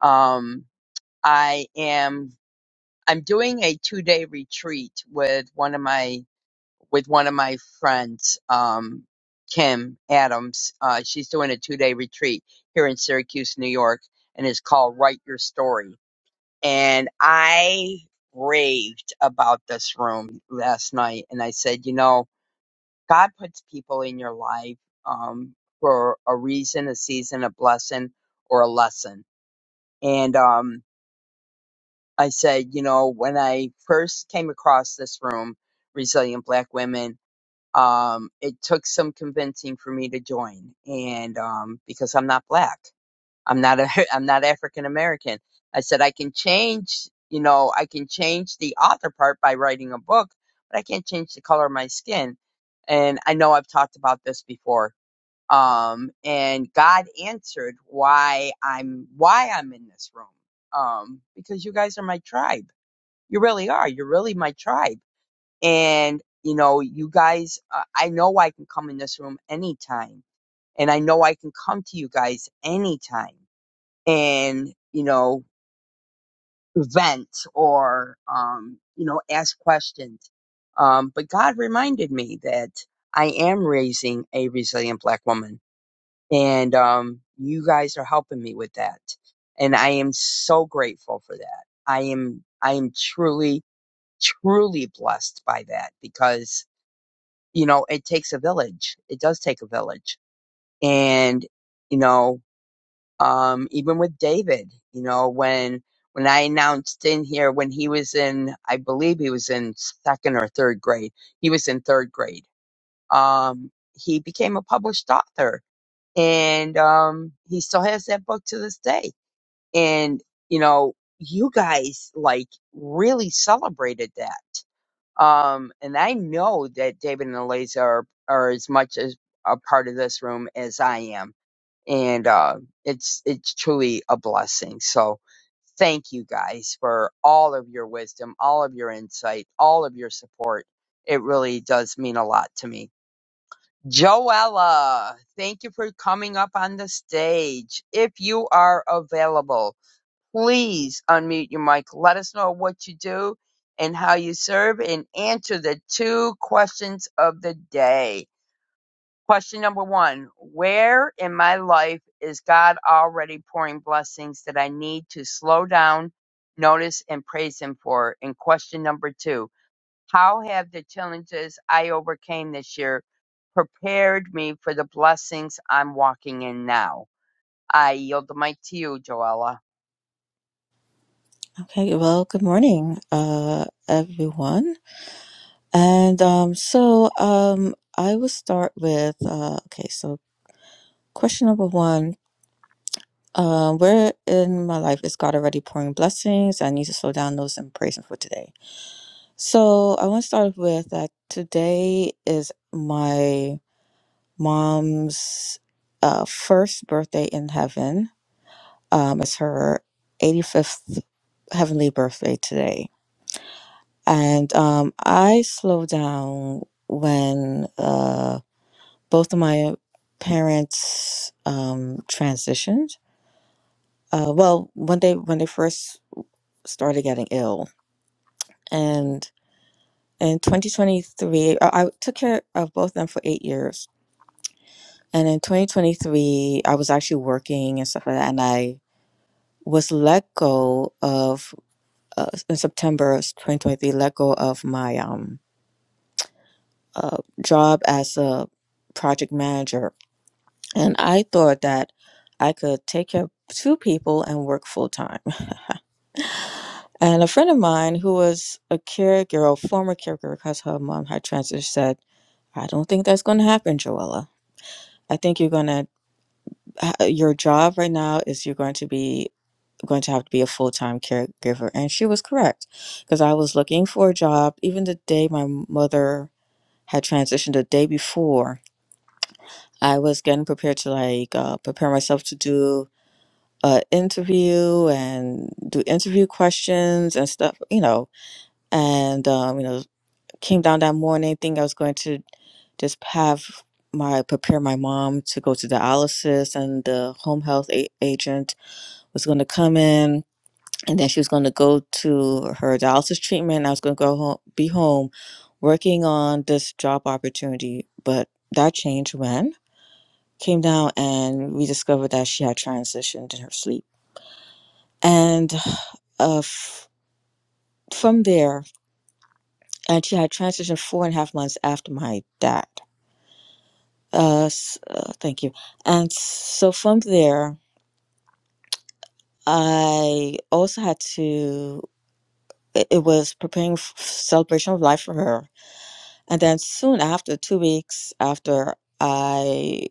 S1: Um, I am I'm doing a two day retreat with one of my with one of my friends, um, Kim Adams. Uh, she's doing a two day retreat here in Syracuse, New York, and it's called Write Your Story and I raved about this room last night. And I said, you know, God puts people in your life um, for a reason, a season, a blessing, or a lesson. And um, I said, you know, when I first came across this room, Resilient Black Women, um, it took some convincing for me to join, and um, because I'm not black I'm not a, I'm not African American. I said I can change, you know, I can change the author part by writing a book, but I can't change the color of my skin. And I know I've talked about this before. Um, and God answered why I'm why I'm in this room. Um, because you guys are my tribe. You really are. You're really my tribe. And you know, you guys, uh, I know I can come in this room anytime, and I know I can come to you guys anytime and you know vent or um you know ask questions um but god reminded me that i am raising a resilient black woman and um you guys are helping me with that and i am so grateful for that i am i am truly truly blessed by that because you know it takes a village it does take a village and you know um, even with David, you know, when when I announced in here when he was in, I believe he was in second or third grade. He was in third grade. Um, he became a published author, and um, he still has that book to this day. And you know, you guys like really celebrated that. Um, and I know that David and Eliza are are as much as a part of this room as I am and uh, it's it's truly a blessing. So thank you guys for all of your wisdom, all of your insight, all of your support. It really does mean a lot to me. Joella, thank you for coming up on the stage. If you are available, please unmute your mic. Let us know what you do and how you serve and answer the two questions of the day. Question number one Where in my life is God already pouring blessings that I need to slow down, notice, and praise Him for? And question number two How have the challenges I overcame this year prepared me for the blessings I'm walking in now? I yield the mic to you, Joella.
S5: Okay, well, good morning, uh, everyone. And um, so um, I will start with uh, okay, so question number one uh, Where in my life is God already pouring blessings? I need to slow down those and praise Him for today. So I want to start off with that today is my mom's uh, first birthday in heaven. Um, it's her 85th heavenly birthday today And um, I slowed down when uh, both of my parents um, transitioned. Uh, well, when they when they first started getting ill, and in 2023, I, I took care of both of them for eight years. And in 2023, I was actually working and stuff like that, and I was let go of uh, in September 2023, let go of my um, uh, job as a project manager And I thought that I could take care of two people and work full time. And a friend of mine who was a caregiver, a former caregiver, because her mom had transitioned, said, I don't think that's going to happen, Joella. I think you're going to, your job right now is you're going to be going to have to be a full-time caregiver and she was correct because i was looking for a job even the day my mother had transitioned the day before i was getting prepared to like uh, prepare myself to do uh, interview and do interview questions and stuff, you know. And um, you know, came down that morning, think I was going to just have my prepare my mom to go to dialysis, and the home health a- agent was going to come in, and then she was going to go to her dialysis treatment. I was going to go home, be home, working on this job opportunity, but that changed when came down and we discovered that she had transitioned in her sleep and Uh, f- from there, and she had transitioned four and a half months after my dad. Uh, s- uh, thank you. And so from there, I also had to. It it was preparing f- celebration of life for her, and then soon after, two weeks after, I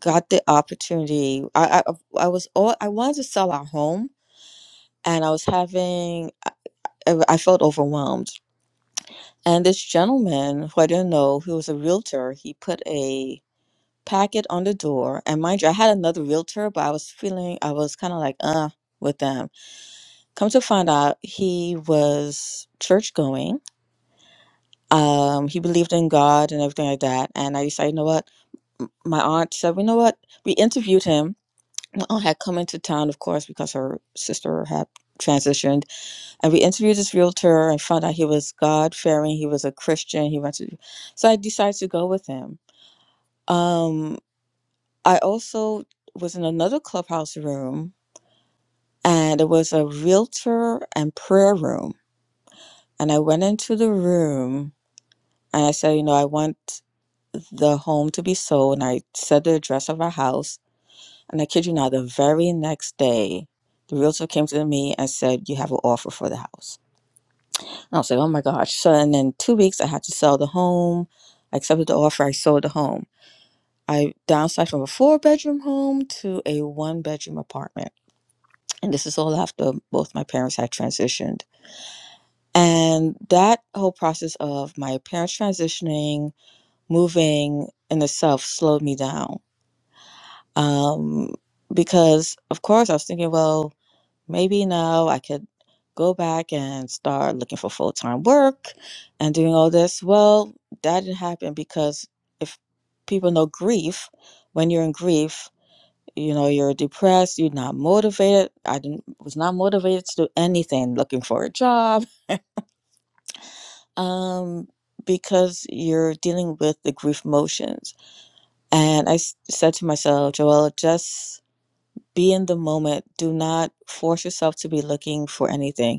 S5: got the opportunity. I I, I was all I wanted to sell our home, and I was having. I, I felt overwhelmed And this gentleman, who I didn't know, who was a realtor, he put a packet on the door. And mind you, I had another realtor, but I was feeling, I was kind of like, uh, with them. Come to find out, he was church going. Um, he believed in God and everything like that. And I decided, you know what? M- My aunt said, you know what? We interviewed him. My aunt had come into town, of course, because her sister had transitioned And we interviewed this realtor. I found out he was God fearing. He was a Christian. He went to, so I decided to go with him. Um, I also was in another clubhouse room, and it was a realtor and prayer room. And I went into the room and I said, you know, I want the home to be sold. And I said the address of our house. And I kid you not, the very next day, the realtor came to me and said, "You have an offer for the house." And I was like, oh my gosh. So, and then two weeks I had to sell the home. I accepted the offer. I sold the home. I downsized from a four bedroom home to a one bedroom apartment. And this is all after both my parents had transitioned. And that whole process of my parents transitioning, moving in itself slowed me down. Um, because, of course, I was thinking, well, Maybe now I could go back and start looking for full time work and doing all this. Well, that didn't happen because if people know grief, when you're in grief, you know, you're depressed, you're not motivated. I didn't, was not motivated to do anything, looking for a job, um, because you're dealing with the grief emotions. And I s- said to myself, Joelle, just be in the moment. Do not force yourself to be looking for anything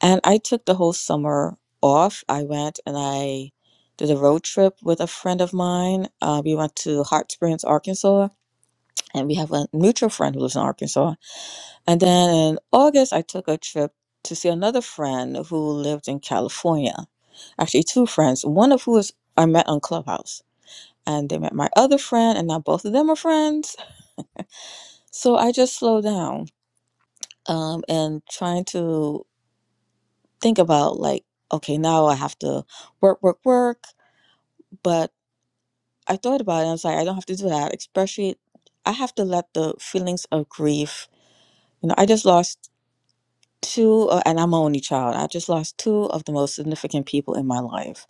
S5: And I took the whole summer off. I went and I did a road trip with a friend of mine. Uh, we went to Hot Springs, Arkansas, and we have a mutual friend who lives in Arkansas. And then in August, I took a trip to see another friend who lived in California. Actually, two friends, one of who is I met on Clubhouse. And they met my other friend, and now both of them are friends. So I just slowed down um, and trying to think about, like, okay, now I have to work, work, work. But I thought about it and I was like, I don't have to do that. Especially, I have to let the feelings of grief, you know, I just lost two, uh, and I'm an only child. I just lost two of the most significant people in my life.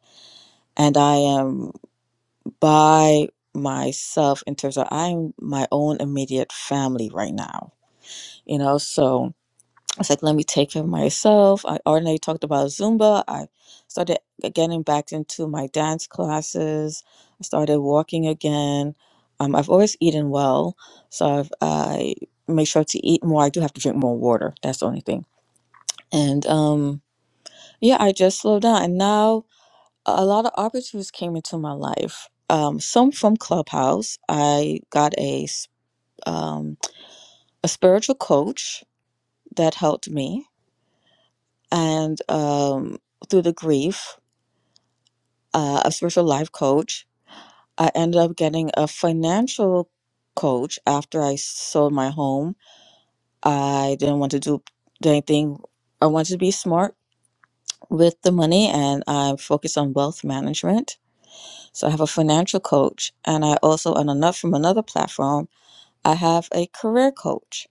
S5: And I am by myself in terms of I'm my own immediate family right now, you know, so. I was like, let me take care of myself. I already talked about Zumba. I started uh, getting back into my dance classes. I started walking again. Um, I've always eaten well, so I've, I make sure to eat more. I do have to drink more water. That's the only thing. And um, yeah, I just slowed down. And now a lot of opportunities came into my life. Um, some from Clubhouse. I got a s- um, a spiritual coach that helped me and um, through the grief, uh, a spiritual life coach. I ended up getting a financial coach after I sold my home. I didn't want to do do anything. I wanted to be smart with the money, and I focused on wealth management. So I have a financial coach, and I also, on another from another platform, I have a career coach,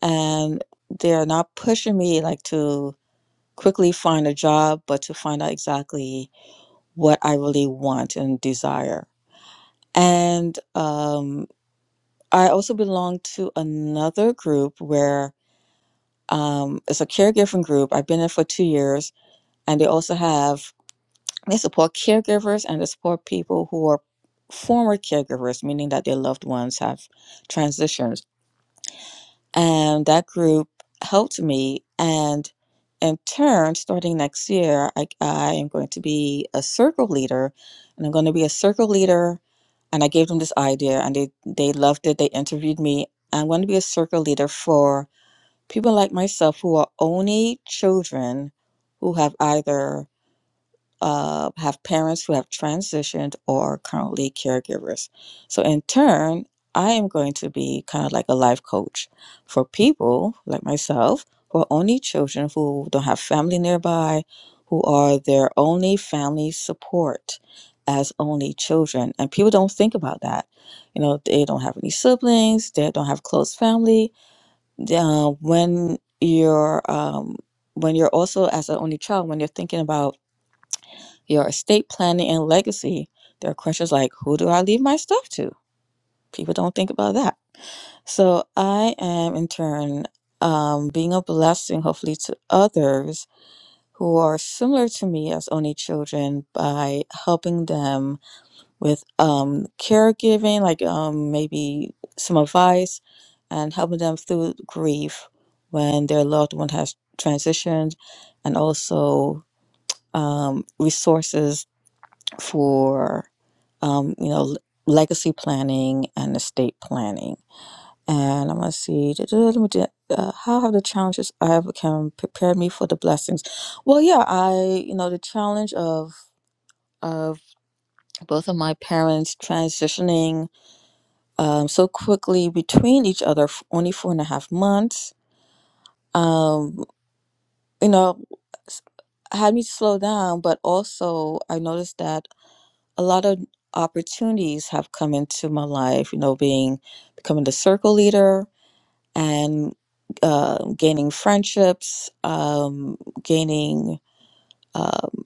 S5: and they're not pushing me like to quickly find a job, but to find out exactly what I really want and desire. And um, I also belong to another group where um, it's a caregiving group. I've been in for two years, and they also have they support caregivers and they support people who are former caregivers, meaning that their loved ones have transitioned and that group helped me and in turn starting next year I, I am going to be a circle leader and i'm going to be a circle leader and i gave them this idea and they, they loved it they interviewed me i'm going to be a circle leader for people like myself who are only children who have either uh, have parents who have transitioned or are currently caregivers. So, in turn, I am going to be kind of like a life coach for people like myself who are only children who don't have family nearby, who are their only family support as only children. And people don't think about that. You know, they don't have any siblings, they don't have close family. Uh, when you're um, when you're also as an only child, when you're thinking about your estate planning and legacy, there are questions like who do I leave my stuff to? People don't think about that. So I am in turn um, being a blessing, hopefully, to others who are similar to me as only children by helping them with um, caregiving, like um, maybe some advice and helping them through grief when their loved one has transitioned and also um, resources for um, you know legacy planning and estate planning. And I'm gonna see. Let me do. that. Uh, how have the challenges I have become prepared me for the blessings? Well, yeah, I you know the challenge of of both of my parents transitioning um, so quickly between each other, for only four and a half months. Um, you know, s- had me slow down, but also I noticed that. a lot of opportunities have come into my life, you know, being becoming the circle leader and uh, gaining friendships, um, gaining, um,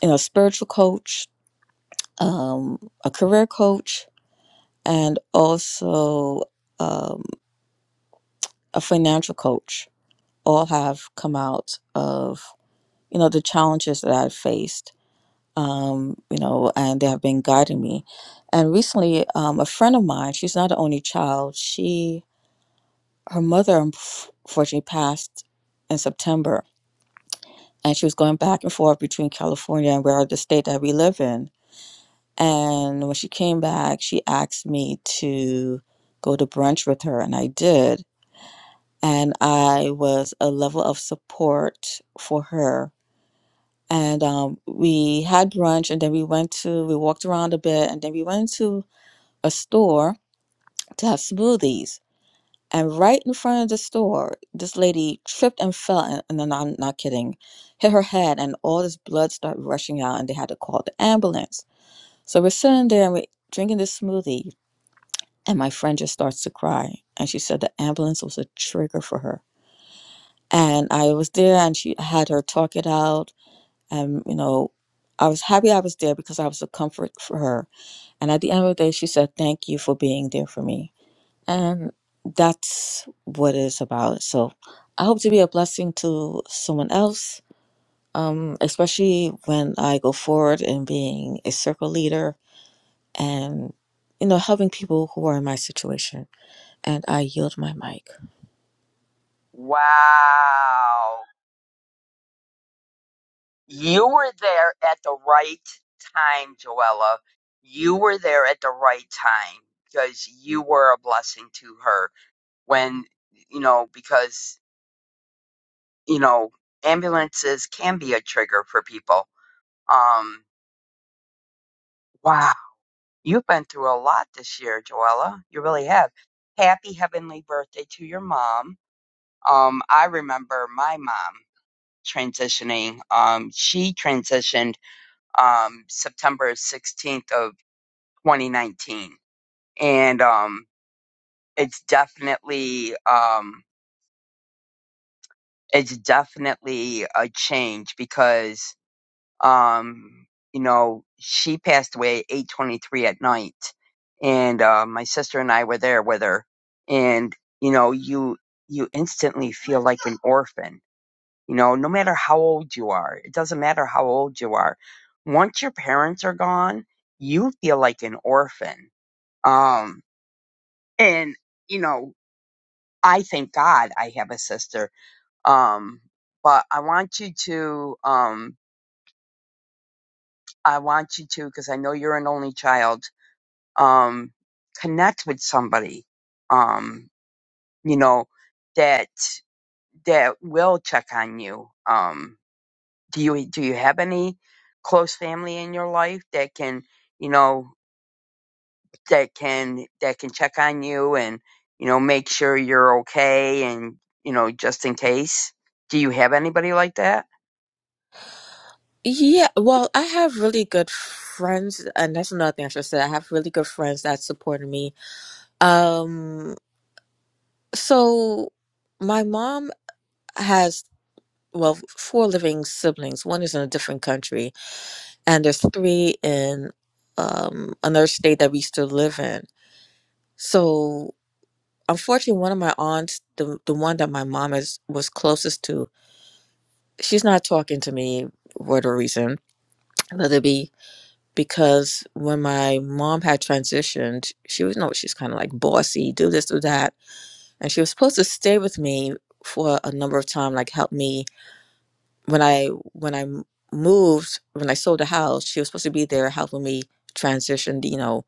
S5: you know, spiritual coach, um, a career coach, and also um, a financial coach. All have come out of, you know, the challenges that I've faced um, you know, and they have been guiding me. And recently, um, a friend of mine, she's not the only child. She, her mother, unfortunately, passed in September, and she was going back and forth between California and where the state that we live in. And when she came back, she asked me to go to brunch with her, and I did. And I was a level of support for her and um, we had brunch and then we went to we walked around a bit and then we went to a store to have smoothies. And right in front of the store, this lady tripped and fell, and, and I'm not not kidding, hit her head, and all this blood started rushing out, and they had to call the ambulance. So we're sitting there and we're drinking this smoothie, and my friend just starts to cry. And she said the ambulance was a trigger for her. And I was there, and she had her talk it out. And, you know, I was happy I was there because I was a comfort for her. And at the end of the day, she said, Thank you for being there for me. And that's what it's about. So I hope to be a blessing to someone else, um, especially when I go forward in being a circle leader and, you know, helping people who are in my situation. And I yield my mic.
S1: Wow. You were there at the right time, Joella. You were there at the right time because you were a blessing to her when, you know, because, you know, ambulances can be a trigger for people. Um, wow. You've been through a lot this year, Joella. You really have. Happy heavenly birthday to your mom. Um, I remember my mom transitioning. Um, she transitioned um, September 16th of 2019 and um it's definitely um it's definitely a change because um you know she passed away 8:23 at night and uh, my sister and I were there with her and you know you you instantly feel like an orphan you know no matter how old you are it doesn't matter how old you are once your parents are gone you feel like an orphan um and you know I thank God I have a sister. Um, but I want you to, um, I want you to, because I know you're an only child, um, connect with somebody, um, you know, that that will check on you. Um, do you do you have any close family in your life that can, you know, that can that can check on you and you know make sure you're okay and you know just in case. Do you have anybody like that?
S5: Yeah, well, I have really good friends, and that's another thing I should say. I have really good friends that supported me. Um, so my mom has, well, four living siblings. One is in a different country and there's three in um, another state that we still live in. So unfortunately, one of my aunts, the the one that my mom is was closest to, she's not talking to me for the reason. Let it be because when my mom had transitioned, she was no, she's kind of like bossy, do this, do that, and she was supposed to stay with me for a number of time, like help me when I when I moved when I sold the house. She was supposed to be there helping me transition, you know,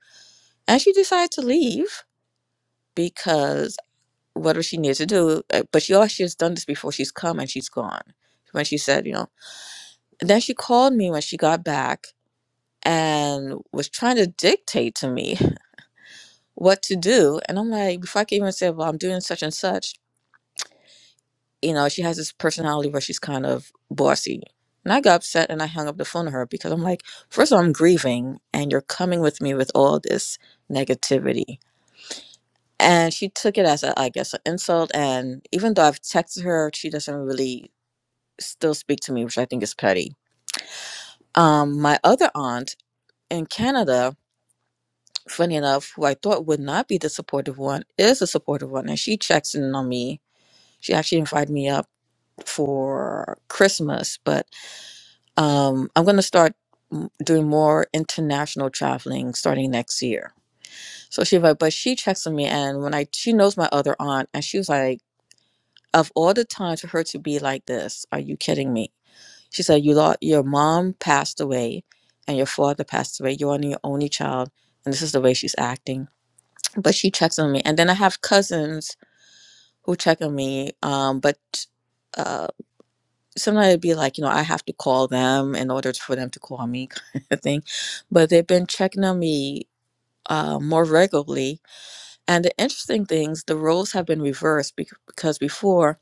S5: and she decided to leave because what does she need to do? Uh, But she always she has done this before. She's come and she's gone. When she said, you know, and then she called me when she got back and was trying to dictate to me what to do. And I'm like, before I can even say, well, I'm doing such and such, you know, she has this personality where she's kind of bossy. And I got upset and I hung up the phone to her because I'm like, first of all, I'm grieving and you're coming with me with all this negativity and she took it as a, I guess an insult and even though i've texted her she doesn't really still speak to me which i think is petty um my other aunt in canada funny enough who i thought would not be the supportive one is a supportive one and she checks in on me she actually invited me up for christmas but um i'm going to start m- doing more international traveling starting next year so she but but she checks on me and when i she knows my other aunt and she was like of all the time for her to be like this, are you kidding me? She said, you lost, your mom passed away and your father passed away. You're only your only child. And this is the way she's acting. But she checks on me. And then I have cousins who check on me. Um, but uh, sometimes it'd be like, you know, I have to call them in order for them to call me kind of thing. But they've been checking on me uh, more regularly. And the interesting things, the roles have been reversed bec- because before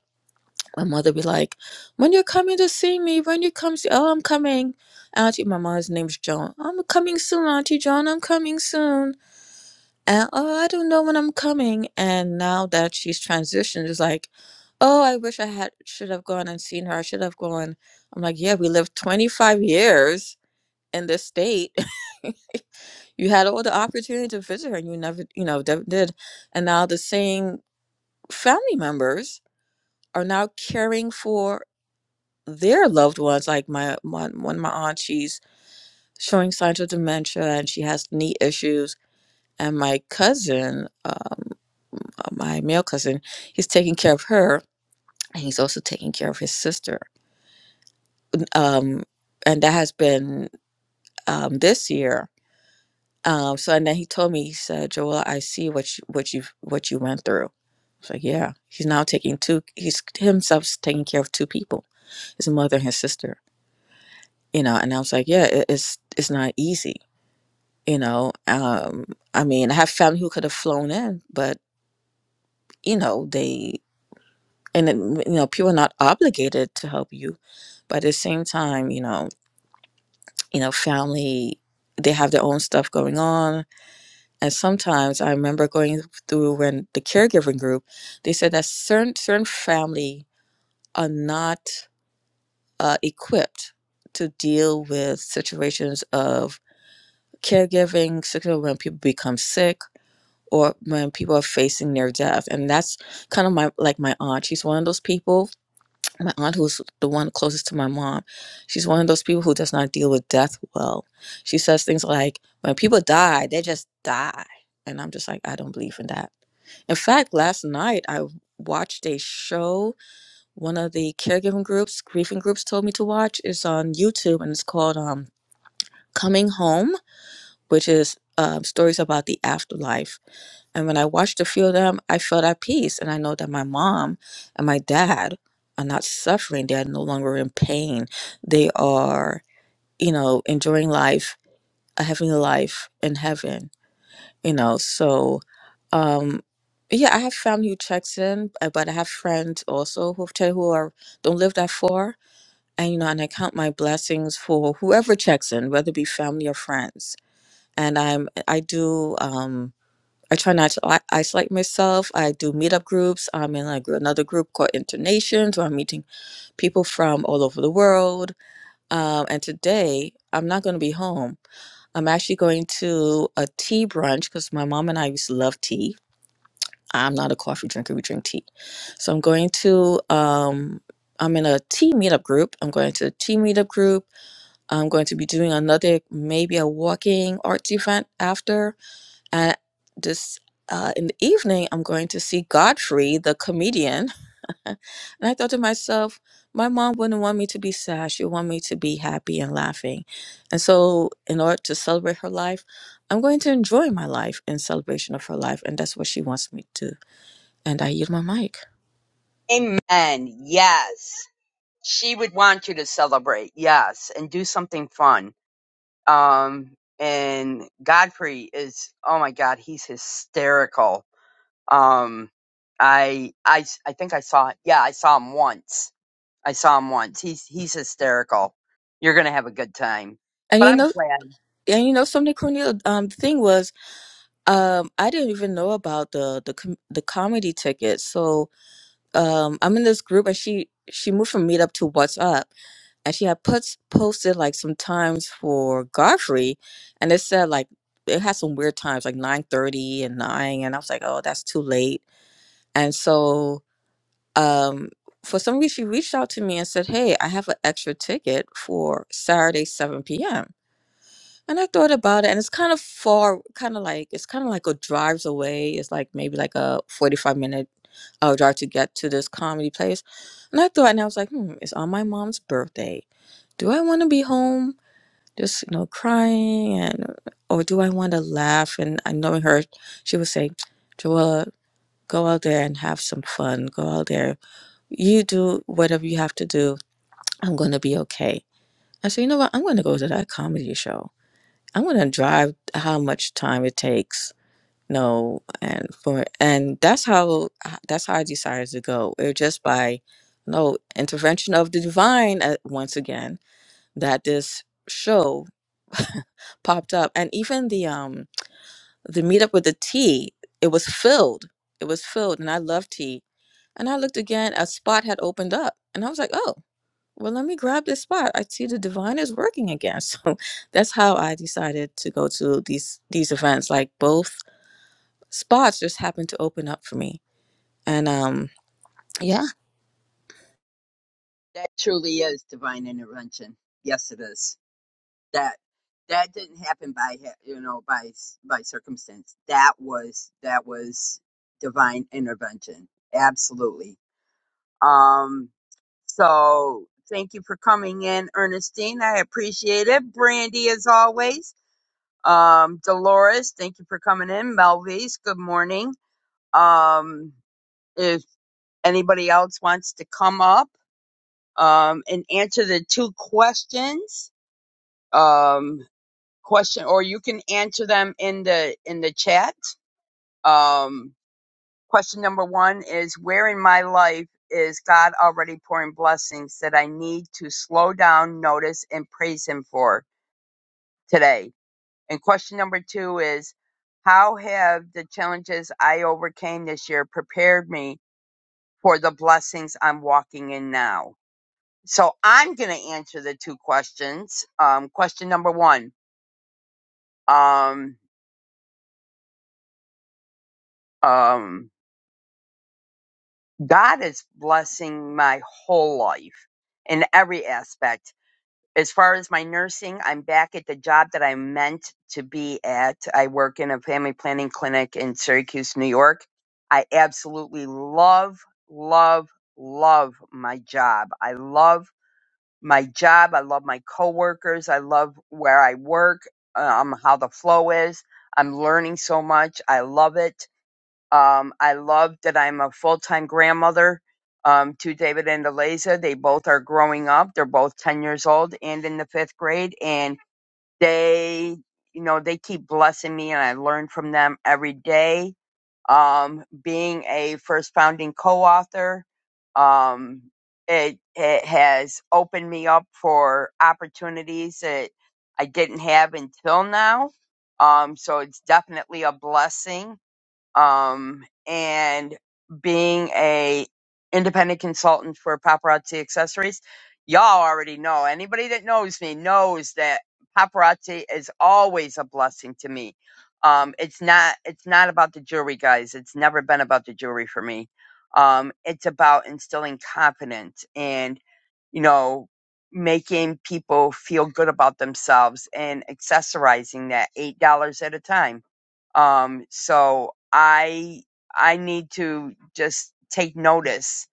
S5: my mother be like, "When you're coming to see me, when you come see, oh, I'm coming, Auntie." My mother's name's Joan. I'm coming soon, Auntie Joan. I'm coming soon. And oh, I don't know when I'm coming. And now that she's transitioned, it's like, oh, I wish I had should have gone and seen her. I should have gone. I'm like, yeah, we lived 25 years in this state. you had all the opportunity to visit her, and you never, you know, never did. And now the same family members are now caring for their loved ones, like my, my one of my aunts, she's showing signs of dementia and she has knee issues. And my cousin, um, uh, my male cousin, he's taking care of her, and he's also taking care of his sister. Um, and that has been um, this year. Um, so and then he told me, he said, "Joel, I see what you what you what you went through." So yeah, he's now taking two. He's himself's taking care of two people: his mother and his sister. You know, and I was like, "Yeah, it, it's it's not easy." you know um i mean i have family who could have flown in but you know they and then, you know people are not obligated to help you but at the same time you know you know family they have their own stuff going on and sometimes i remember going through when the caregiving group they said that certain certain family are not uh, equipped to deal with situations of caregiving situations when people become sick or when people are facing near death and that's kind of my like my aunt she's one of those people my aunt who's the one closest to my mom she's one of those people who does not deal with death well she says things like when people die they just die and i'm just like i don't believe in that in fact last night i watched a show one of the caregiving groups grieving groups told me to watch it's on youtube and it's called um coming home which is um, stories about the afterlife and when I watched a few of them, I felt at peace. And I know that my mom and my dad are not suffering. They are no longer in pain. They are, you know, enjoying life, a heavenly life in heaven, you know. So, um, yeah, I have family who checks in, uh, but I have friends also who who are don't live that far, and you know, and I count my blessings for whoever checks in, whether it be family or friends. And I'm I do um I try not to i- isolate myself. I do meetup groups. I'm in like another group called Internations where I'm meeting people from all over the world. Um, and today I'm not going to be home. I'm actually going to a tea brunch because my mom and I used to love tea. I'm not a coffee drinker. We drink tea. So I'm going to, um, I'm in a tea meetup group. I'm going to a tea meetup group. I'm going to be doing another, maybe a walking arts event after and this uh, in the evening, I'm going to see Godfrey, the comedian. and I thought to myself, my mom wouldn't want me to be sad. She would want me to be happy and laughing. And so, in order to celebrate her life, I'm going to enjoy my life in celebration of her life, and that's what she wants me to. And I use my mic.
S1: Amen. Yes. She would want you to celebrate. Yes. And do something fun. Um, and Godfrey is, oh my God, he's hysterical. Um, I, I, s- I think I saw, yeah, I saw him once. I saw him once. He's, he's hysterical. You're going to have a good time.
S5: And
S1: But
S5: you
S1: I'm
S5: know,
S1: glad
S5: and you know something, Cornelia. Um, the thing was, um, I didn't even know about the the com- the comedy ticket. So, um, I'm in this group, and she she moved from Meetup to WhatsApp actually I put posted like some times for Godfrey, and it said like it had some weird times like nine thirty and nine, and I was like, oh, that's too late. And so um, for some reason, she reached out to me and said, hey, I have an extra ticket for Saturday seven p.m. And I thought about it, and it's kind of far, kind of like it's kind of like a drives away. It's like maybe like a forty-five minute uh, drive to get to this comedy place. And I thought, and I was like, hmm, it's on my mom's birthday. Do I want to be home? just you know crying and or do I want to laugh? And I knowing her, she would say, Joella, go out there and have some fun. Go out there. You do whatever you have to do. I'm gonna be okay. I said, you know what? I'm gonna go to that comedy show. I'm gonna drive how much time it takes. No, and for and that's how that's how I decided to go. It was just by no intervention of the divine uh, once again that this show popped up and even the um the meetup with the tea it was filled it was filled and i love tea and i looked again a spot had opened up and i was like oh well let me grab this spot i see the divine is working again so that's how i decided to go to these these events like both spots just happened to open up for me and um yeah
S1: that truly is divine intervention. Yes, it is. that that didn't happen by ha- you know by by circumstance that was that was divine intervention absolutely um so thank you for coming in ernestine i appreciate it brandy as always um dolores thank you for coming in melvies good morning um if anybody else wants to come up um and answer the two questions um question or you can answer them in the in the chat um question number one is where in my life is god already pouring blessings that i need to slow down notice and praise him for today and question number two is how have the challenges i overcame this year prepared me for the blessings i'm walking in now so i'm going to answer the two questions um question number one um um God is blessing my whole life in every aspect. As far as my nursing, I'm back at the job that I meant to be at. I work in a family planning clinic in Syracuse, New York. I absolutely love, love, love my job. I love my job. I love my coworkers. I love where I work, um, how the flow is. I'm learning so much. I love it. Um, I love that I'm a full time grandmother um, to David and Eliza. They both are growing up. They're both 10 years old and in the fifth grade. And they, you know, they keep blessing me and I learn from them every day. Um, being a first founding co author, um, it, it has opened me up for opportunities that I didn't have until now. Um, so it's definitely a blessing um, and being a independent consultant for paparazzi accessories y'all already know anybody that knows me knows that paparazzi is always a blessing to me um, it's not it's not about the jewelry guys it's never been about the jewelry for me um, it's about instilling confidence and you know making people feel good about themselves and accessorizing that eight dollars at a time um, so I I need to just take notice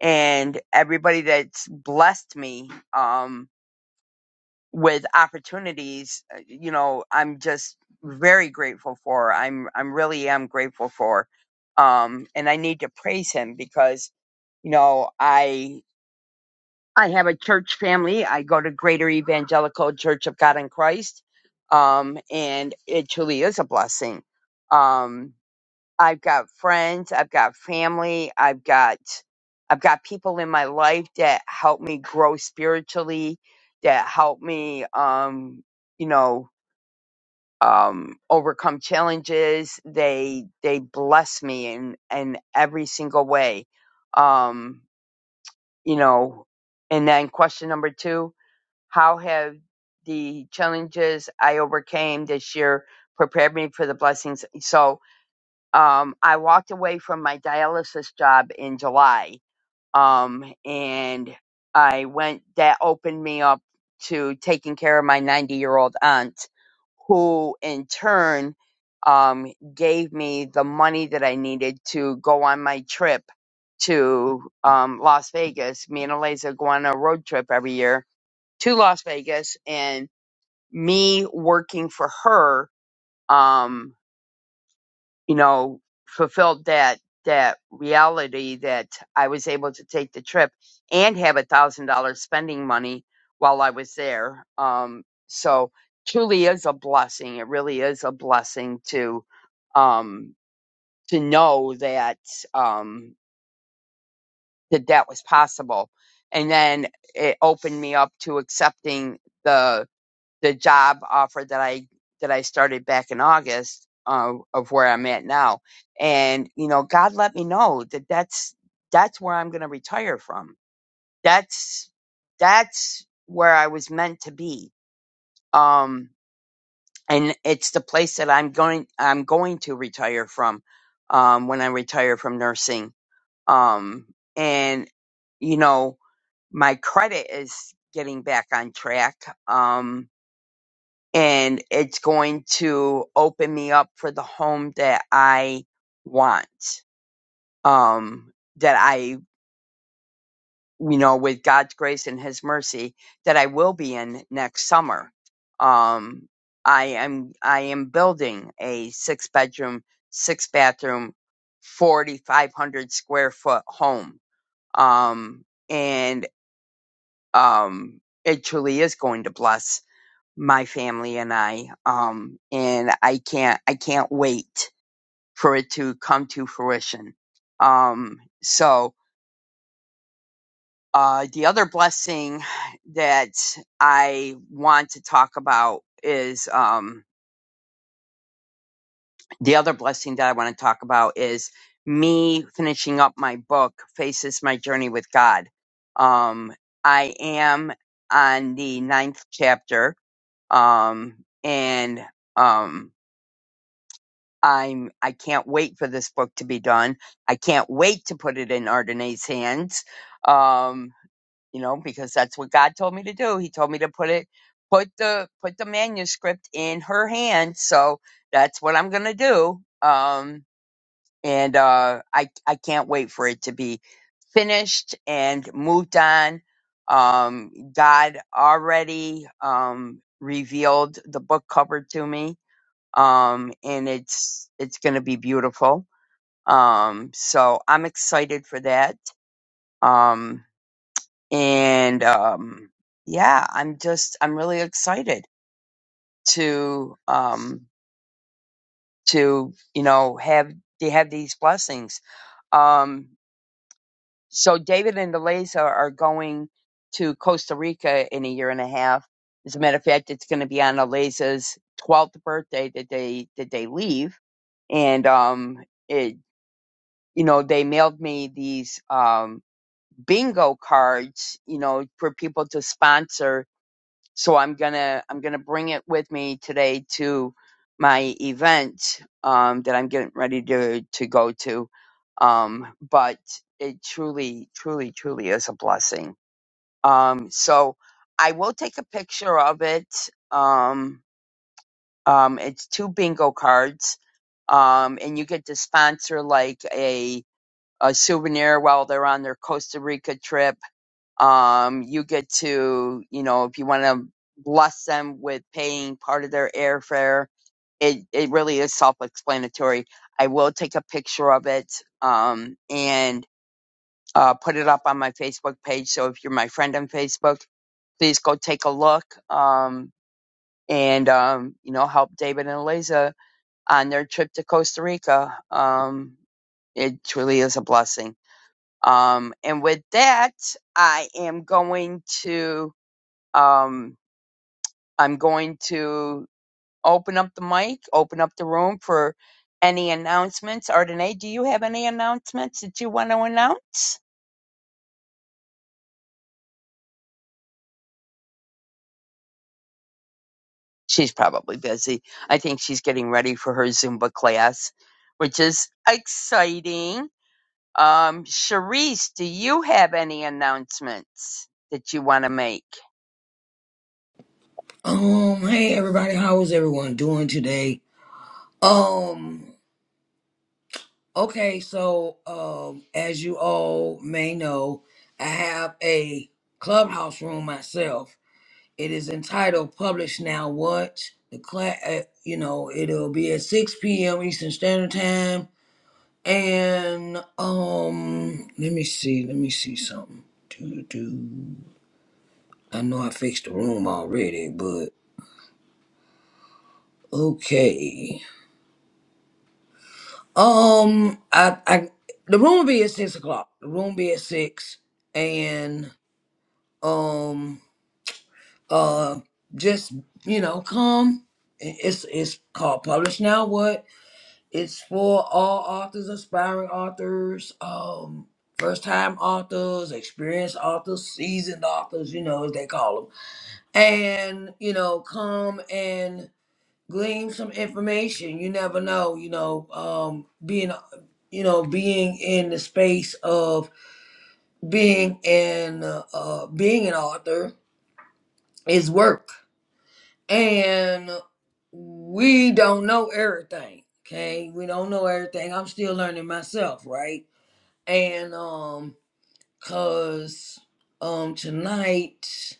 S1: and everybody that's blessed me um with opportunities, uh, you know, I'm just very grateful for. I'm I'm really am grateful for. Um and I need to praise him because you know, I I have a church family. I go to Greater Evangelical Church of God in Christ. Um and it truly is a blessing. Um I've got friends, I've got family, I've got I've got people in my life that help me grow spiritually, that help me um, you know, um overcome challenges. They they bless me in in every single way. Um, you know, and then question number 2, how have the challenges I overcame this year prepared me for the blessings? So, um, I walked away from my dialysis job in July, um, and I went. That opened me up to taking care of my 90 year old aunt, who in turn um, gave me the money that I needed to go on my trip to um, Las Vegas. Me and Eliza go on a road trip every year to Las Vegas, and me working for her. Um, you know, fulfilled that that reality that I was able to take the trip and have a thousand dollars spending money while I was there. Um, so truly is a blessing. It really is a blessing to um, to know that um, that that was possible, and then it opened me up to accepting the the job offer that I that I started back in August uh, of where I'm at now. And you know, God let me know that that's that's where I'm going to retire from. That's that's where I was meant to be. Um, and it's the place that I'm going I'm going to retire from um, when I retire from nursing. Um, and you know, my credit is getting back on track. Um, and it's going to open me up for the home that I want. Um, that I, you know, with God's grace and His mercy, that I will be in next summer. Um, I am I am building a six bedroom, six bathroom, forty five hundred square foot home. Um, and um, it truly is going to bless my family and I. Um, and I can't, I can't wait for it to come to fruition. Um, so, uh, the other blessing that I want to talk about is, um, the other blessing that I want to talk about is me finishing up my book, Faces My Journey with God. Um, I am on the ninth chapter. Um, and, um, I'm I can't wait for this book to be done. I can't wait to put it in Ardenae's hands. Um, you know, because that's what God told me to do. He told me to put it put the put the manuscript in her hands. So that's what I'm gonna do. Um and uh I I can't wait for it to be finished and moved on. Um God already um revealed the book cover to me um, and it's it's going to be beautiful. Um, so I'm excited for that. Um, and um, yeah, I'm just I'm really excited to um, to you know have to have these blessings. Um, so David and Eliza are going to Costa Rica in a year and a half. As a matter of fact, it's going to be on Eliza's 12th birthday that they that they leave, and um, it. you know, they mailed me these um, bingo cards, you know, for people to sponsor. So I'm gonna I'm gonna bring it with me today to my event um, that I'm getting ready to to go to. Um, but it truly, truly, truly is a blessing. Um, so I will take a picture of it. Um, um, it's two bingo cards, um, and you get to sponsor like a a souvenir while they're on their Costa Rica trip. Um, you get to, you know, if you want to bless them with paying part of their airfare, it, it really is self explanatory. I will take a picture of it um, and uh, put it up on my Facebook page. So if you're my friend on Facebook, please go take a look um, and, um, you know, help David and Eliza on their trip to Costa Rica. Um, it truly is a blessing. Um, and with that, I am going to um, I'm going to open up the mic, open up the room for any announcements. Ardenae, do you have any announcements that you want to announce? She's probably busy. I think she's getting ready for her Zumba class, which is exciting. Um, Charisse, do you have any announcements that you want to make?
S3: Um, hey everybody, how is everyone doing today? Um, okay, so um as you all may know, I have a clubhouse room myself. It is entitled Publish Now What? The class, uh, you know, it'll be at 6 p.m. Eastern Standard Time. And um, let me see, let me see something. Do do. I know I fixed the room already, but okay. Um, I, I, the room will be at six o'clock. The room will be at six, and um, uh, just you know, come. I- It's it's called Publish Now. What? It's for all authors, aspiring authors, um, first time authors, experienced authors, seasoned authors. You know, as they call them. And you know, come and glean some information. You never know, you know, um, being, you know, being in the space of being an uh, uh, being an author is work, and we don't know everything. Okay, we don't know everything. I'm still learning myself, right? And um, cause um tonight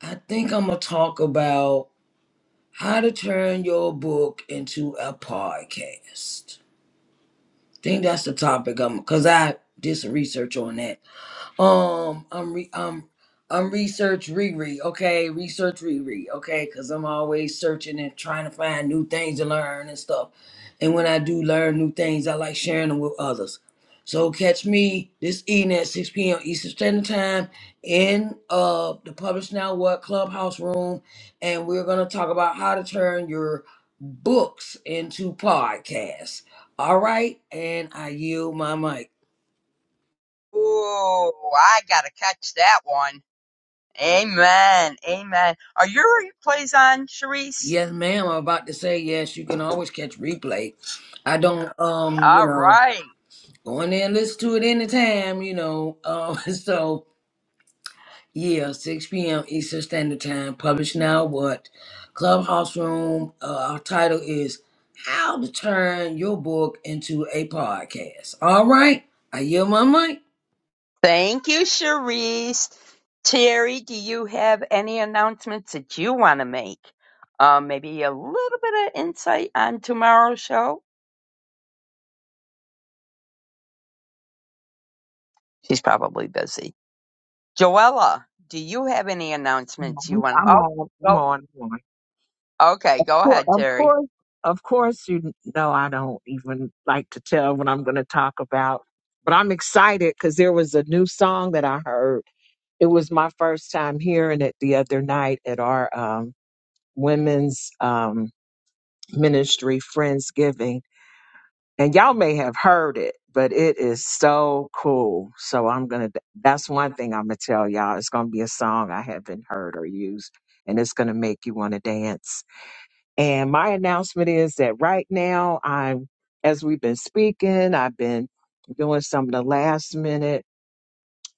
S3: I think I'm gonna talk about how to turn your book into a podcast think that's the topic. Um, cause I did some research on that um, I'm re- I'm, I'm research Riri, okay? Research Riri, okay? Cause I'm always searching and trying to find new things to learn and stuff. And when I do learn new things, I like sharing them with others. So catch me this evening at 6 p.m. Eastern Standard Time in uh the Publish Now What Clubhouse room, and we're gonna talk about how to turn your books into podcasts. All right, and I yield my mic.
S1: Ooh, I gotta catch that one. Amen. Amen. Are your replays on, Sharice?
S3: Yes, ma'am. I'm about to say yes. You can always catch replay. I don't, um, you
S1: All
S3: know,
S1: right.
S3: go in there and listen to it anytime, you know. Um, so yeah, 6 p.m. Eastern Standard Time. Published now. What? Clubhouse Room. Uh, our title is "How to Turn Your Book into a Podcast." All right, I yield my mic.
S1: Thank you, Sharice. Terry, do you have any announcements that you want to make? Uh, maybe a little bit of insight on tomorrow's show? She's probably busy. Joella, do you have any announcements you
S4: I'm
S1: want? to?
S4: I'm
S1: Oh,
S4: on. I'm
S1: go.
S4: on. I'm on.
S1: Okay,
S4: Of
S1: go
S4: course,
S1: ahead,
S4: of
S1: Terry.
S4: course, of course. You know, I don't even like to tell what I'm going to talk about, but I'm excited because there was a new song that I heard. It was my first time hearing it the other night at our um, women's um, ministry friendsgiving, and y'all may have heard it, but it is so cool. So I'm gonna. That's one thing I'm gonna tell y'all. It's gonna be a song I haven't heard or used, and it's gonna make you want to dance. And my announcement is that right now I'm, as we've been speaking, I've been doing some of the last minute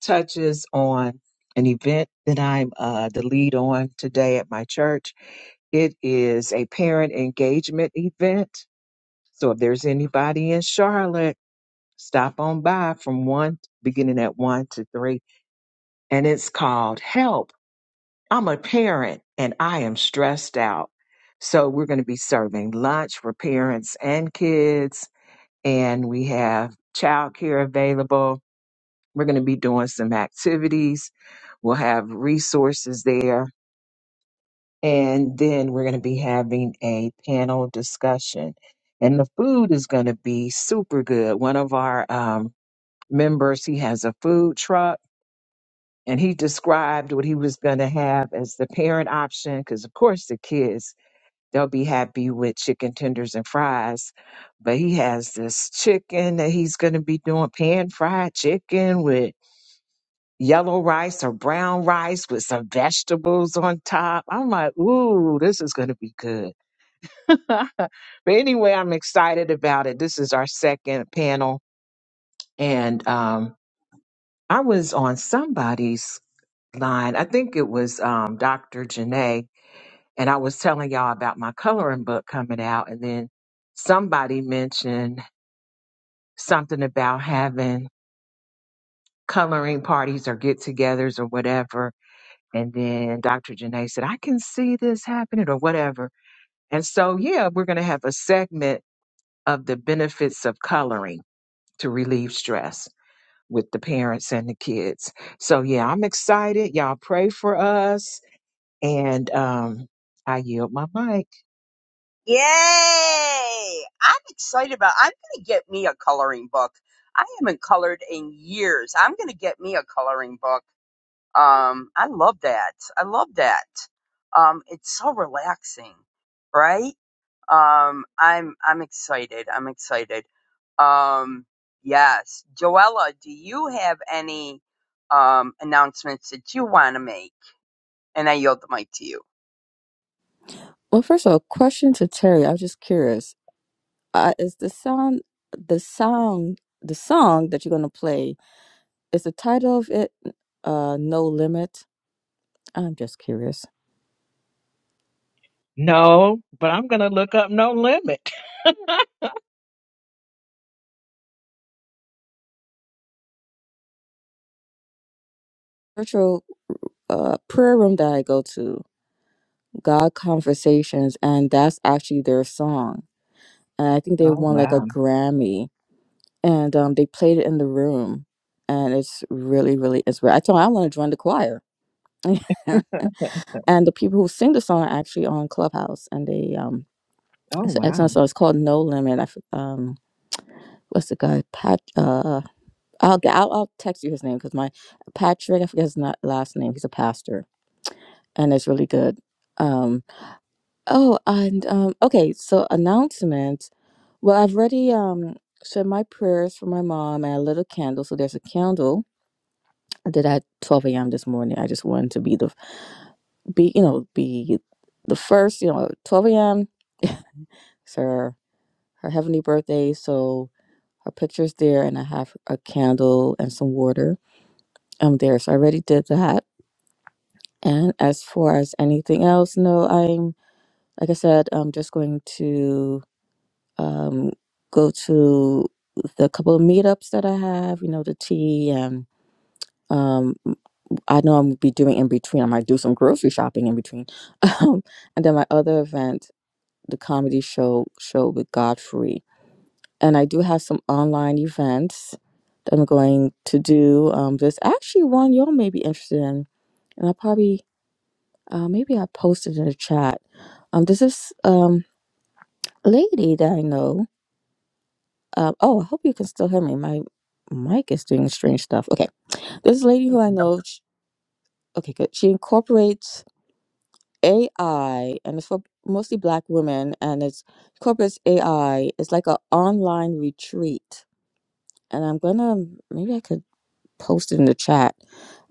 S4: touches on an event that I'm uh, the lead on today at my church. It is a parent engagement event. So if there's anybody in Charlotte Stop on by from one, beginning at one to three. And it's called Help. I'm a parent and I am stressed out. So we're going to be serving lunch for parents and kids. And we have childcare available. We're going to be doing some activities. We'll have resources there. And then we're going to be having a panel discussion. And the food is going to be super good. One of our um, members, he has a food truck and he described what he was going to have as the parent option because of course the kids they'll be happy with chicken tenders and fries but he has this chicken that he's going to be doing pan fried chicken with yellow rice or brown rice with some vegetables on top i'm like ooh this is going to be good but anyway i'm excited about it this is our second panel and um I was on somebody's line. I think it was um, Dr. Janae, and I was telling y'all about my coloring book coming out, and then somebody mentioned something about having coloring parties or get-togethers or whatever, and then Dr. Janae said, "I can see this happening" or whatever, and so yeah, we're gonna have a segment of the benefits of coloring to relieve stress with the parents and the kids. So yeah, I'm excited. Y'all pray for us And um, I yield my mic.
S1: Yay! I'm excited about I'm gonna get me a coloring book. I haven't colored in years. I'm gonna get me a coloring book. Um I love that. I love that. Um it's so relaxing, right? Um I'm I'm excited. I'm excited. Um yes. Joella, do you have any um announcements that you wanna make? And I yield the mic to you.
S5: Well, first of all, question to Terry. I was just curious. Uh, is the sound the song the song that you're gonna play? Is the title of it uh, No Limit? I'm just curious.
S4: No, but I'm going to look up No Limit.
S5: Virtual uh, prayer room that I go to, God Conversations, and that's actually their song. And I think they
S4: Oh
S5: won like a
S4: wow.
S5: Grammy, and um, they played it in the room, and it's really, really inspiring. I told 'em I want to join the choir. and the people who sing the song are actually on Clubhouse, and they um,
S4: Oh
S5: it's an
S4: wow.
S5: excellent song. It's called No Limit. I f- um, what's the guy Pat? Uh, I'll g- I'll, I'll text you his name because my Patrick, I forget his na- last name. He's a pastor, and it's really good. Um. Oh, and um. Okay, so announcement. Well, I've already um said my prayers for my mom and I lit a candle. So there's a candle I did at 12 a.m. this morning. I just wanted to be the be you know be the first. You know, 12 a.m. It's her her heavenly birthday. So her picture's there, and I have a candle and some water. I'm there. So I already did that And as far as anything else, no, I'm, like I said, I'm just going to um, go to the couple of meetups that I have, you know, the tea and um, I know I'm gonna be doing in between. I might do some grocery shopping in between. Um, and then my other event, the comedy show show with Godfrey. And I do have some online events that I'm going to do. Um, there's actually one y'all may be interested in, and I probably Uh, maybe I posted in the chat. Um, this is um lady that I know. Um, oh, I hope you can still hear me. My mic is doing strange stuff. Okay, this lady who I know. sh okay, good. She incorporates AI, and it's for mostly Black women, and it's incorporates AI. It's like an online retreat, and I'm gonna maybe I could post it in the chat.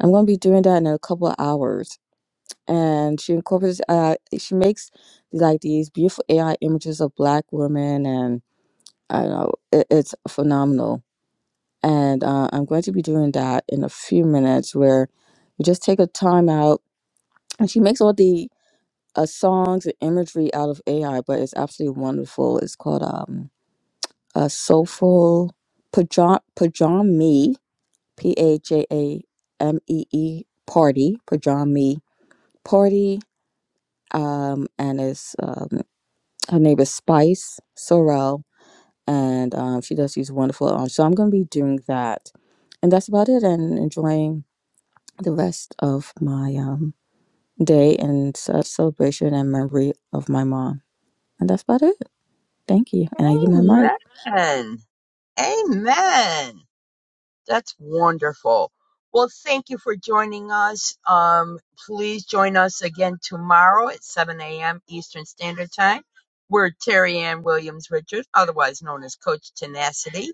S5: I'm gonna be doing that in a couple of hours and she incorporates uh she makes like these beautiful AI images of black women and I don't know it, it's phenomenal and uh, I'm going to be doing that in a few minutes where you just take a time out and she makes all the uh, songs and imagery out of AI but it's absolutely wonderful it's called um a soulful pajama pajami p a j a m e e party pajami party um and it's um her name is Spice Sorrell, and um, she does these wonderful. Um, so I'm going to be doing that, and that's about it. And enjoying the rest of my um, day and ce- celebration and memory of my mom. And that's about it. Thank you. And I give my mic.
S1: Amen. Amen. That's wonderful. Well, thank you for joining us. Um, please join us again tomorrow at 7 a.m. Eastern Standard Time, where Terry Ann Williams Richard, otherwise known as Coach Tenacity,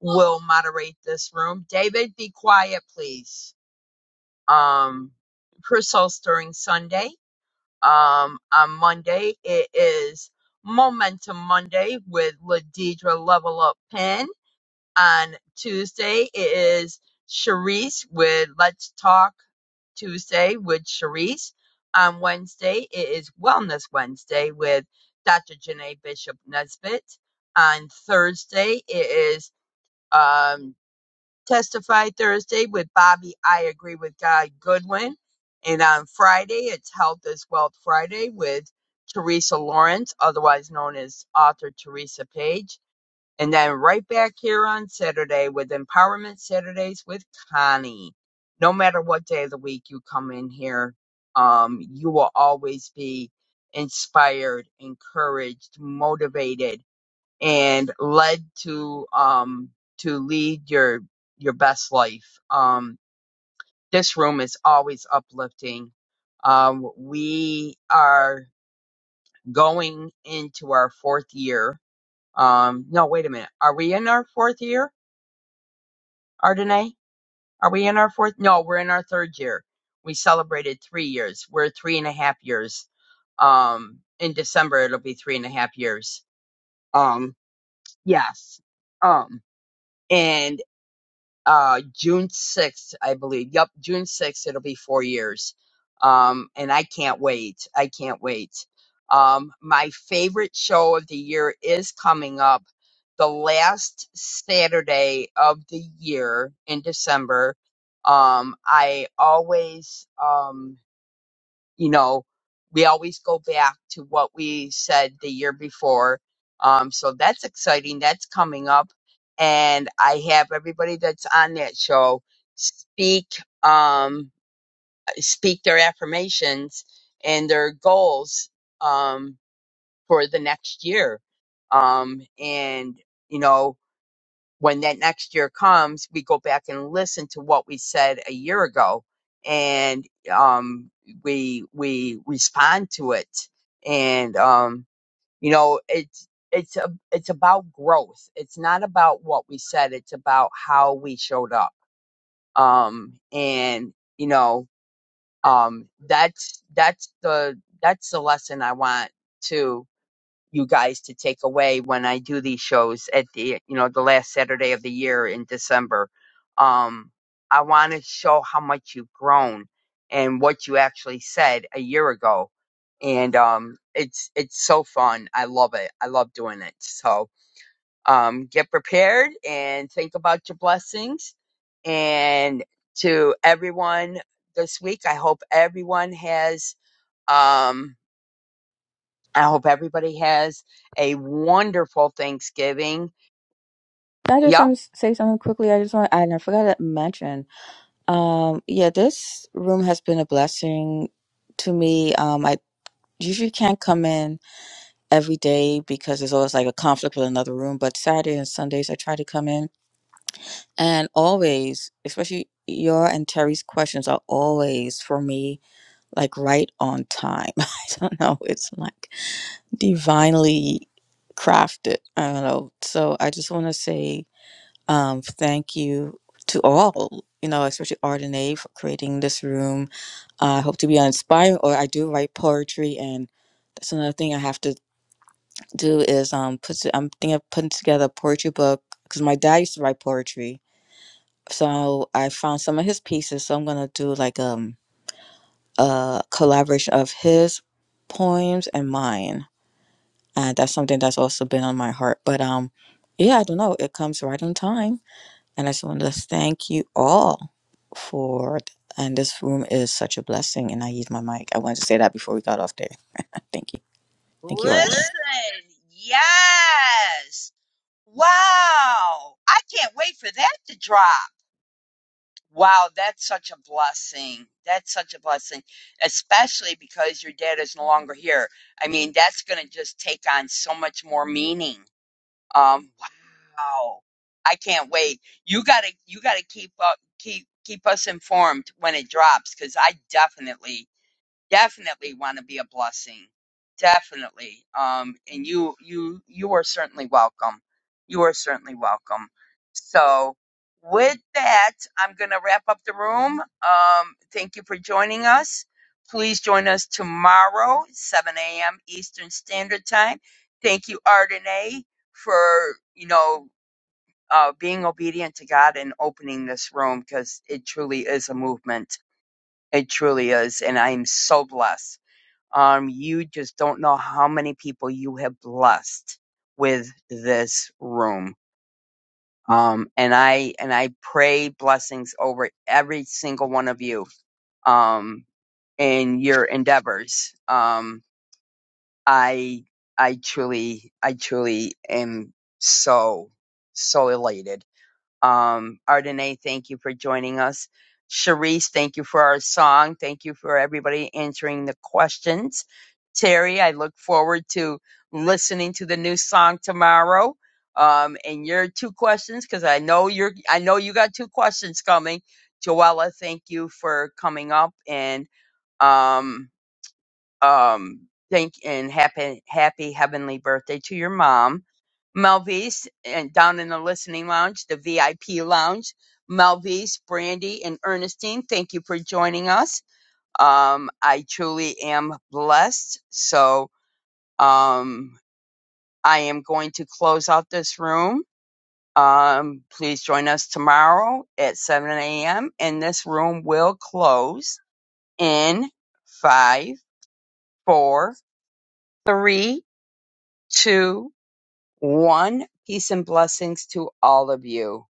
S1: will moderate this room. David, be quiet, please. Um, for Soul Stirring Sunday, um, on Monday, it is Momentum Monday with Ladidra Level Up Pen on Tuesday it is Sharice with Let's Talk Tuesday with Sharice. On Wednesday it is Wellness Wednesday with Dr. Janae Bishop Nesbitt. On Thursday it is um, Testify Thursday with Bobby I Agree with God Goodwin. And on Friday it's Health is Wealth Friday with Teresa Lawrence, otherwise known as author Teresa Page. And then right back here on Saturday with Empowerment Saturdays with Connie. No matter what day of the week you come in here, um, you will always be inspired, encouraged, motivated, and led to um to lead your your best life. Um, this room is always uplifting. Um, we are going into our fourth year. Um, no, wait a minute. Are we in our fourth year? Ardenay? Are we in our fourth? No, we're in our third year. We celebrated three years. We're three and a half years. Um, in December it'll be three and a half years. Um, yes. Um, and uh June 6th, I believe. Yep, June 6th it'll be 4 years. Um and I can't wait. I can't wait. Um my favorite show of the year is coming up the last Saturday of the year in December. Um I always um you know, we always go back to what we said the year before. Um, so that's exciting. That's coming up. And I have everybody that's on that show speak, um, speak their affirmations and their goals, um, for the next year. Um, and, you know, when that next year comes, we go back and listen to what we said a year ago, and um, we we respond to it. And um, you know, it's it's a, it's about growth. It's not about what we said. It's about how we showed up. Um, and you know, um, that's that's the that's the lesson I want to you guys to take away when I do these shows at the you know the last Saturday of the year in December. Um, I want to show how much you've grown and what you actually said a year ago, and um, it's it's so fun. I love it. I love doing it. So um, get prepared and think about your blessings. And to everyone this week, I hope everyone has. Um, I hope everybody has a wonderful Thanksgiving.
S5: Can I just
S1: Yep.
S5: um, say something quickly? I just want to add, and I forgot to mention. Um, yeah, this room has been a blessing to me. Um, I usually can't come in every day because there's always like a conflict with another room. But Saturday and Sundays, I try to come in. And always, especially your and Terry's questions are always for me like right on time. I don't know. It's like divinely crafted. I don't know. So I just want to say um, thank you to all, you know, especially Ardenae for creating this room. I hope to be inspiring, or I do write poetry, and that's another thing I have to do is um put to- I'm thinking of putting together a poetry book because my dad used to write poetry. So I found some of his pieces. So I'm gonna do like um a collaboration of his poems and mine. And that's something that's also been on my heart. But um yeah, I don't know. It comes right on time. And I just want to thank you all for and this room is such a blessing and I use my mic. I wanted to say that before we got off there. thank you. Thank you, Arden.
S1: Listen. Yes. Wow. I can't wait for that to drop. Wow, that's such a blessing. That's such a blessing, especially because your dad is no longer here. I mean, that's going to just take on so much more meaning. Um, wow. I can't wait. You got to you got to keep up keep keep us informed when it drops cuz I definitely definitely want to be a blessing definitely um and you you you are certainly welcome you are certainly welcome so with that i'm going to wrap up the room um thank you for joining us please join us tomorrow 7 a.m eastern standard time thank you Ardenae, for you know uh, being obedient to god and opening this room because it truly is a movement it truly is and i am so blessed um, you just don't know how many people you have blessed with this room. Um, and I and I pray blessings over every single one of you um, in your endeavors. Um, I I truly I truly am so so elated um, Ardenae, thank you for joining us. Sharice, thank you for our song. Thank you for everybody answering the questions. Terry, I look forward to listening to the new song tomorrow. Um, and your two questions, because I know you're, I know you got two questions coming. Joella, thank you for coming up and um, um, thank and happy, happy heavenly birthday to your mom. Melvise, and down in the listening lounge, the VIP lounge, Melvise, Brandy, and Ernestine, thank you for joining us. Um, I truly am blessed. So um, I am going to close out this room. Um, please join us tomorrow at 7 a.m. And this room will close in five, four, three, two One, peace and blessings to all of you.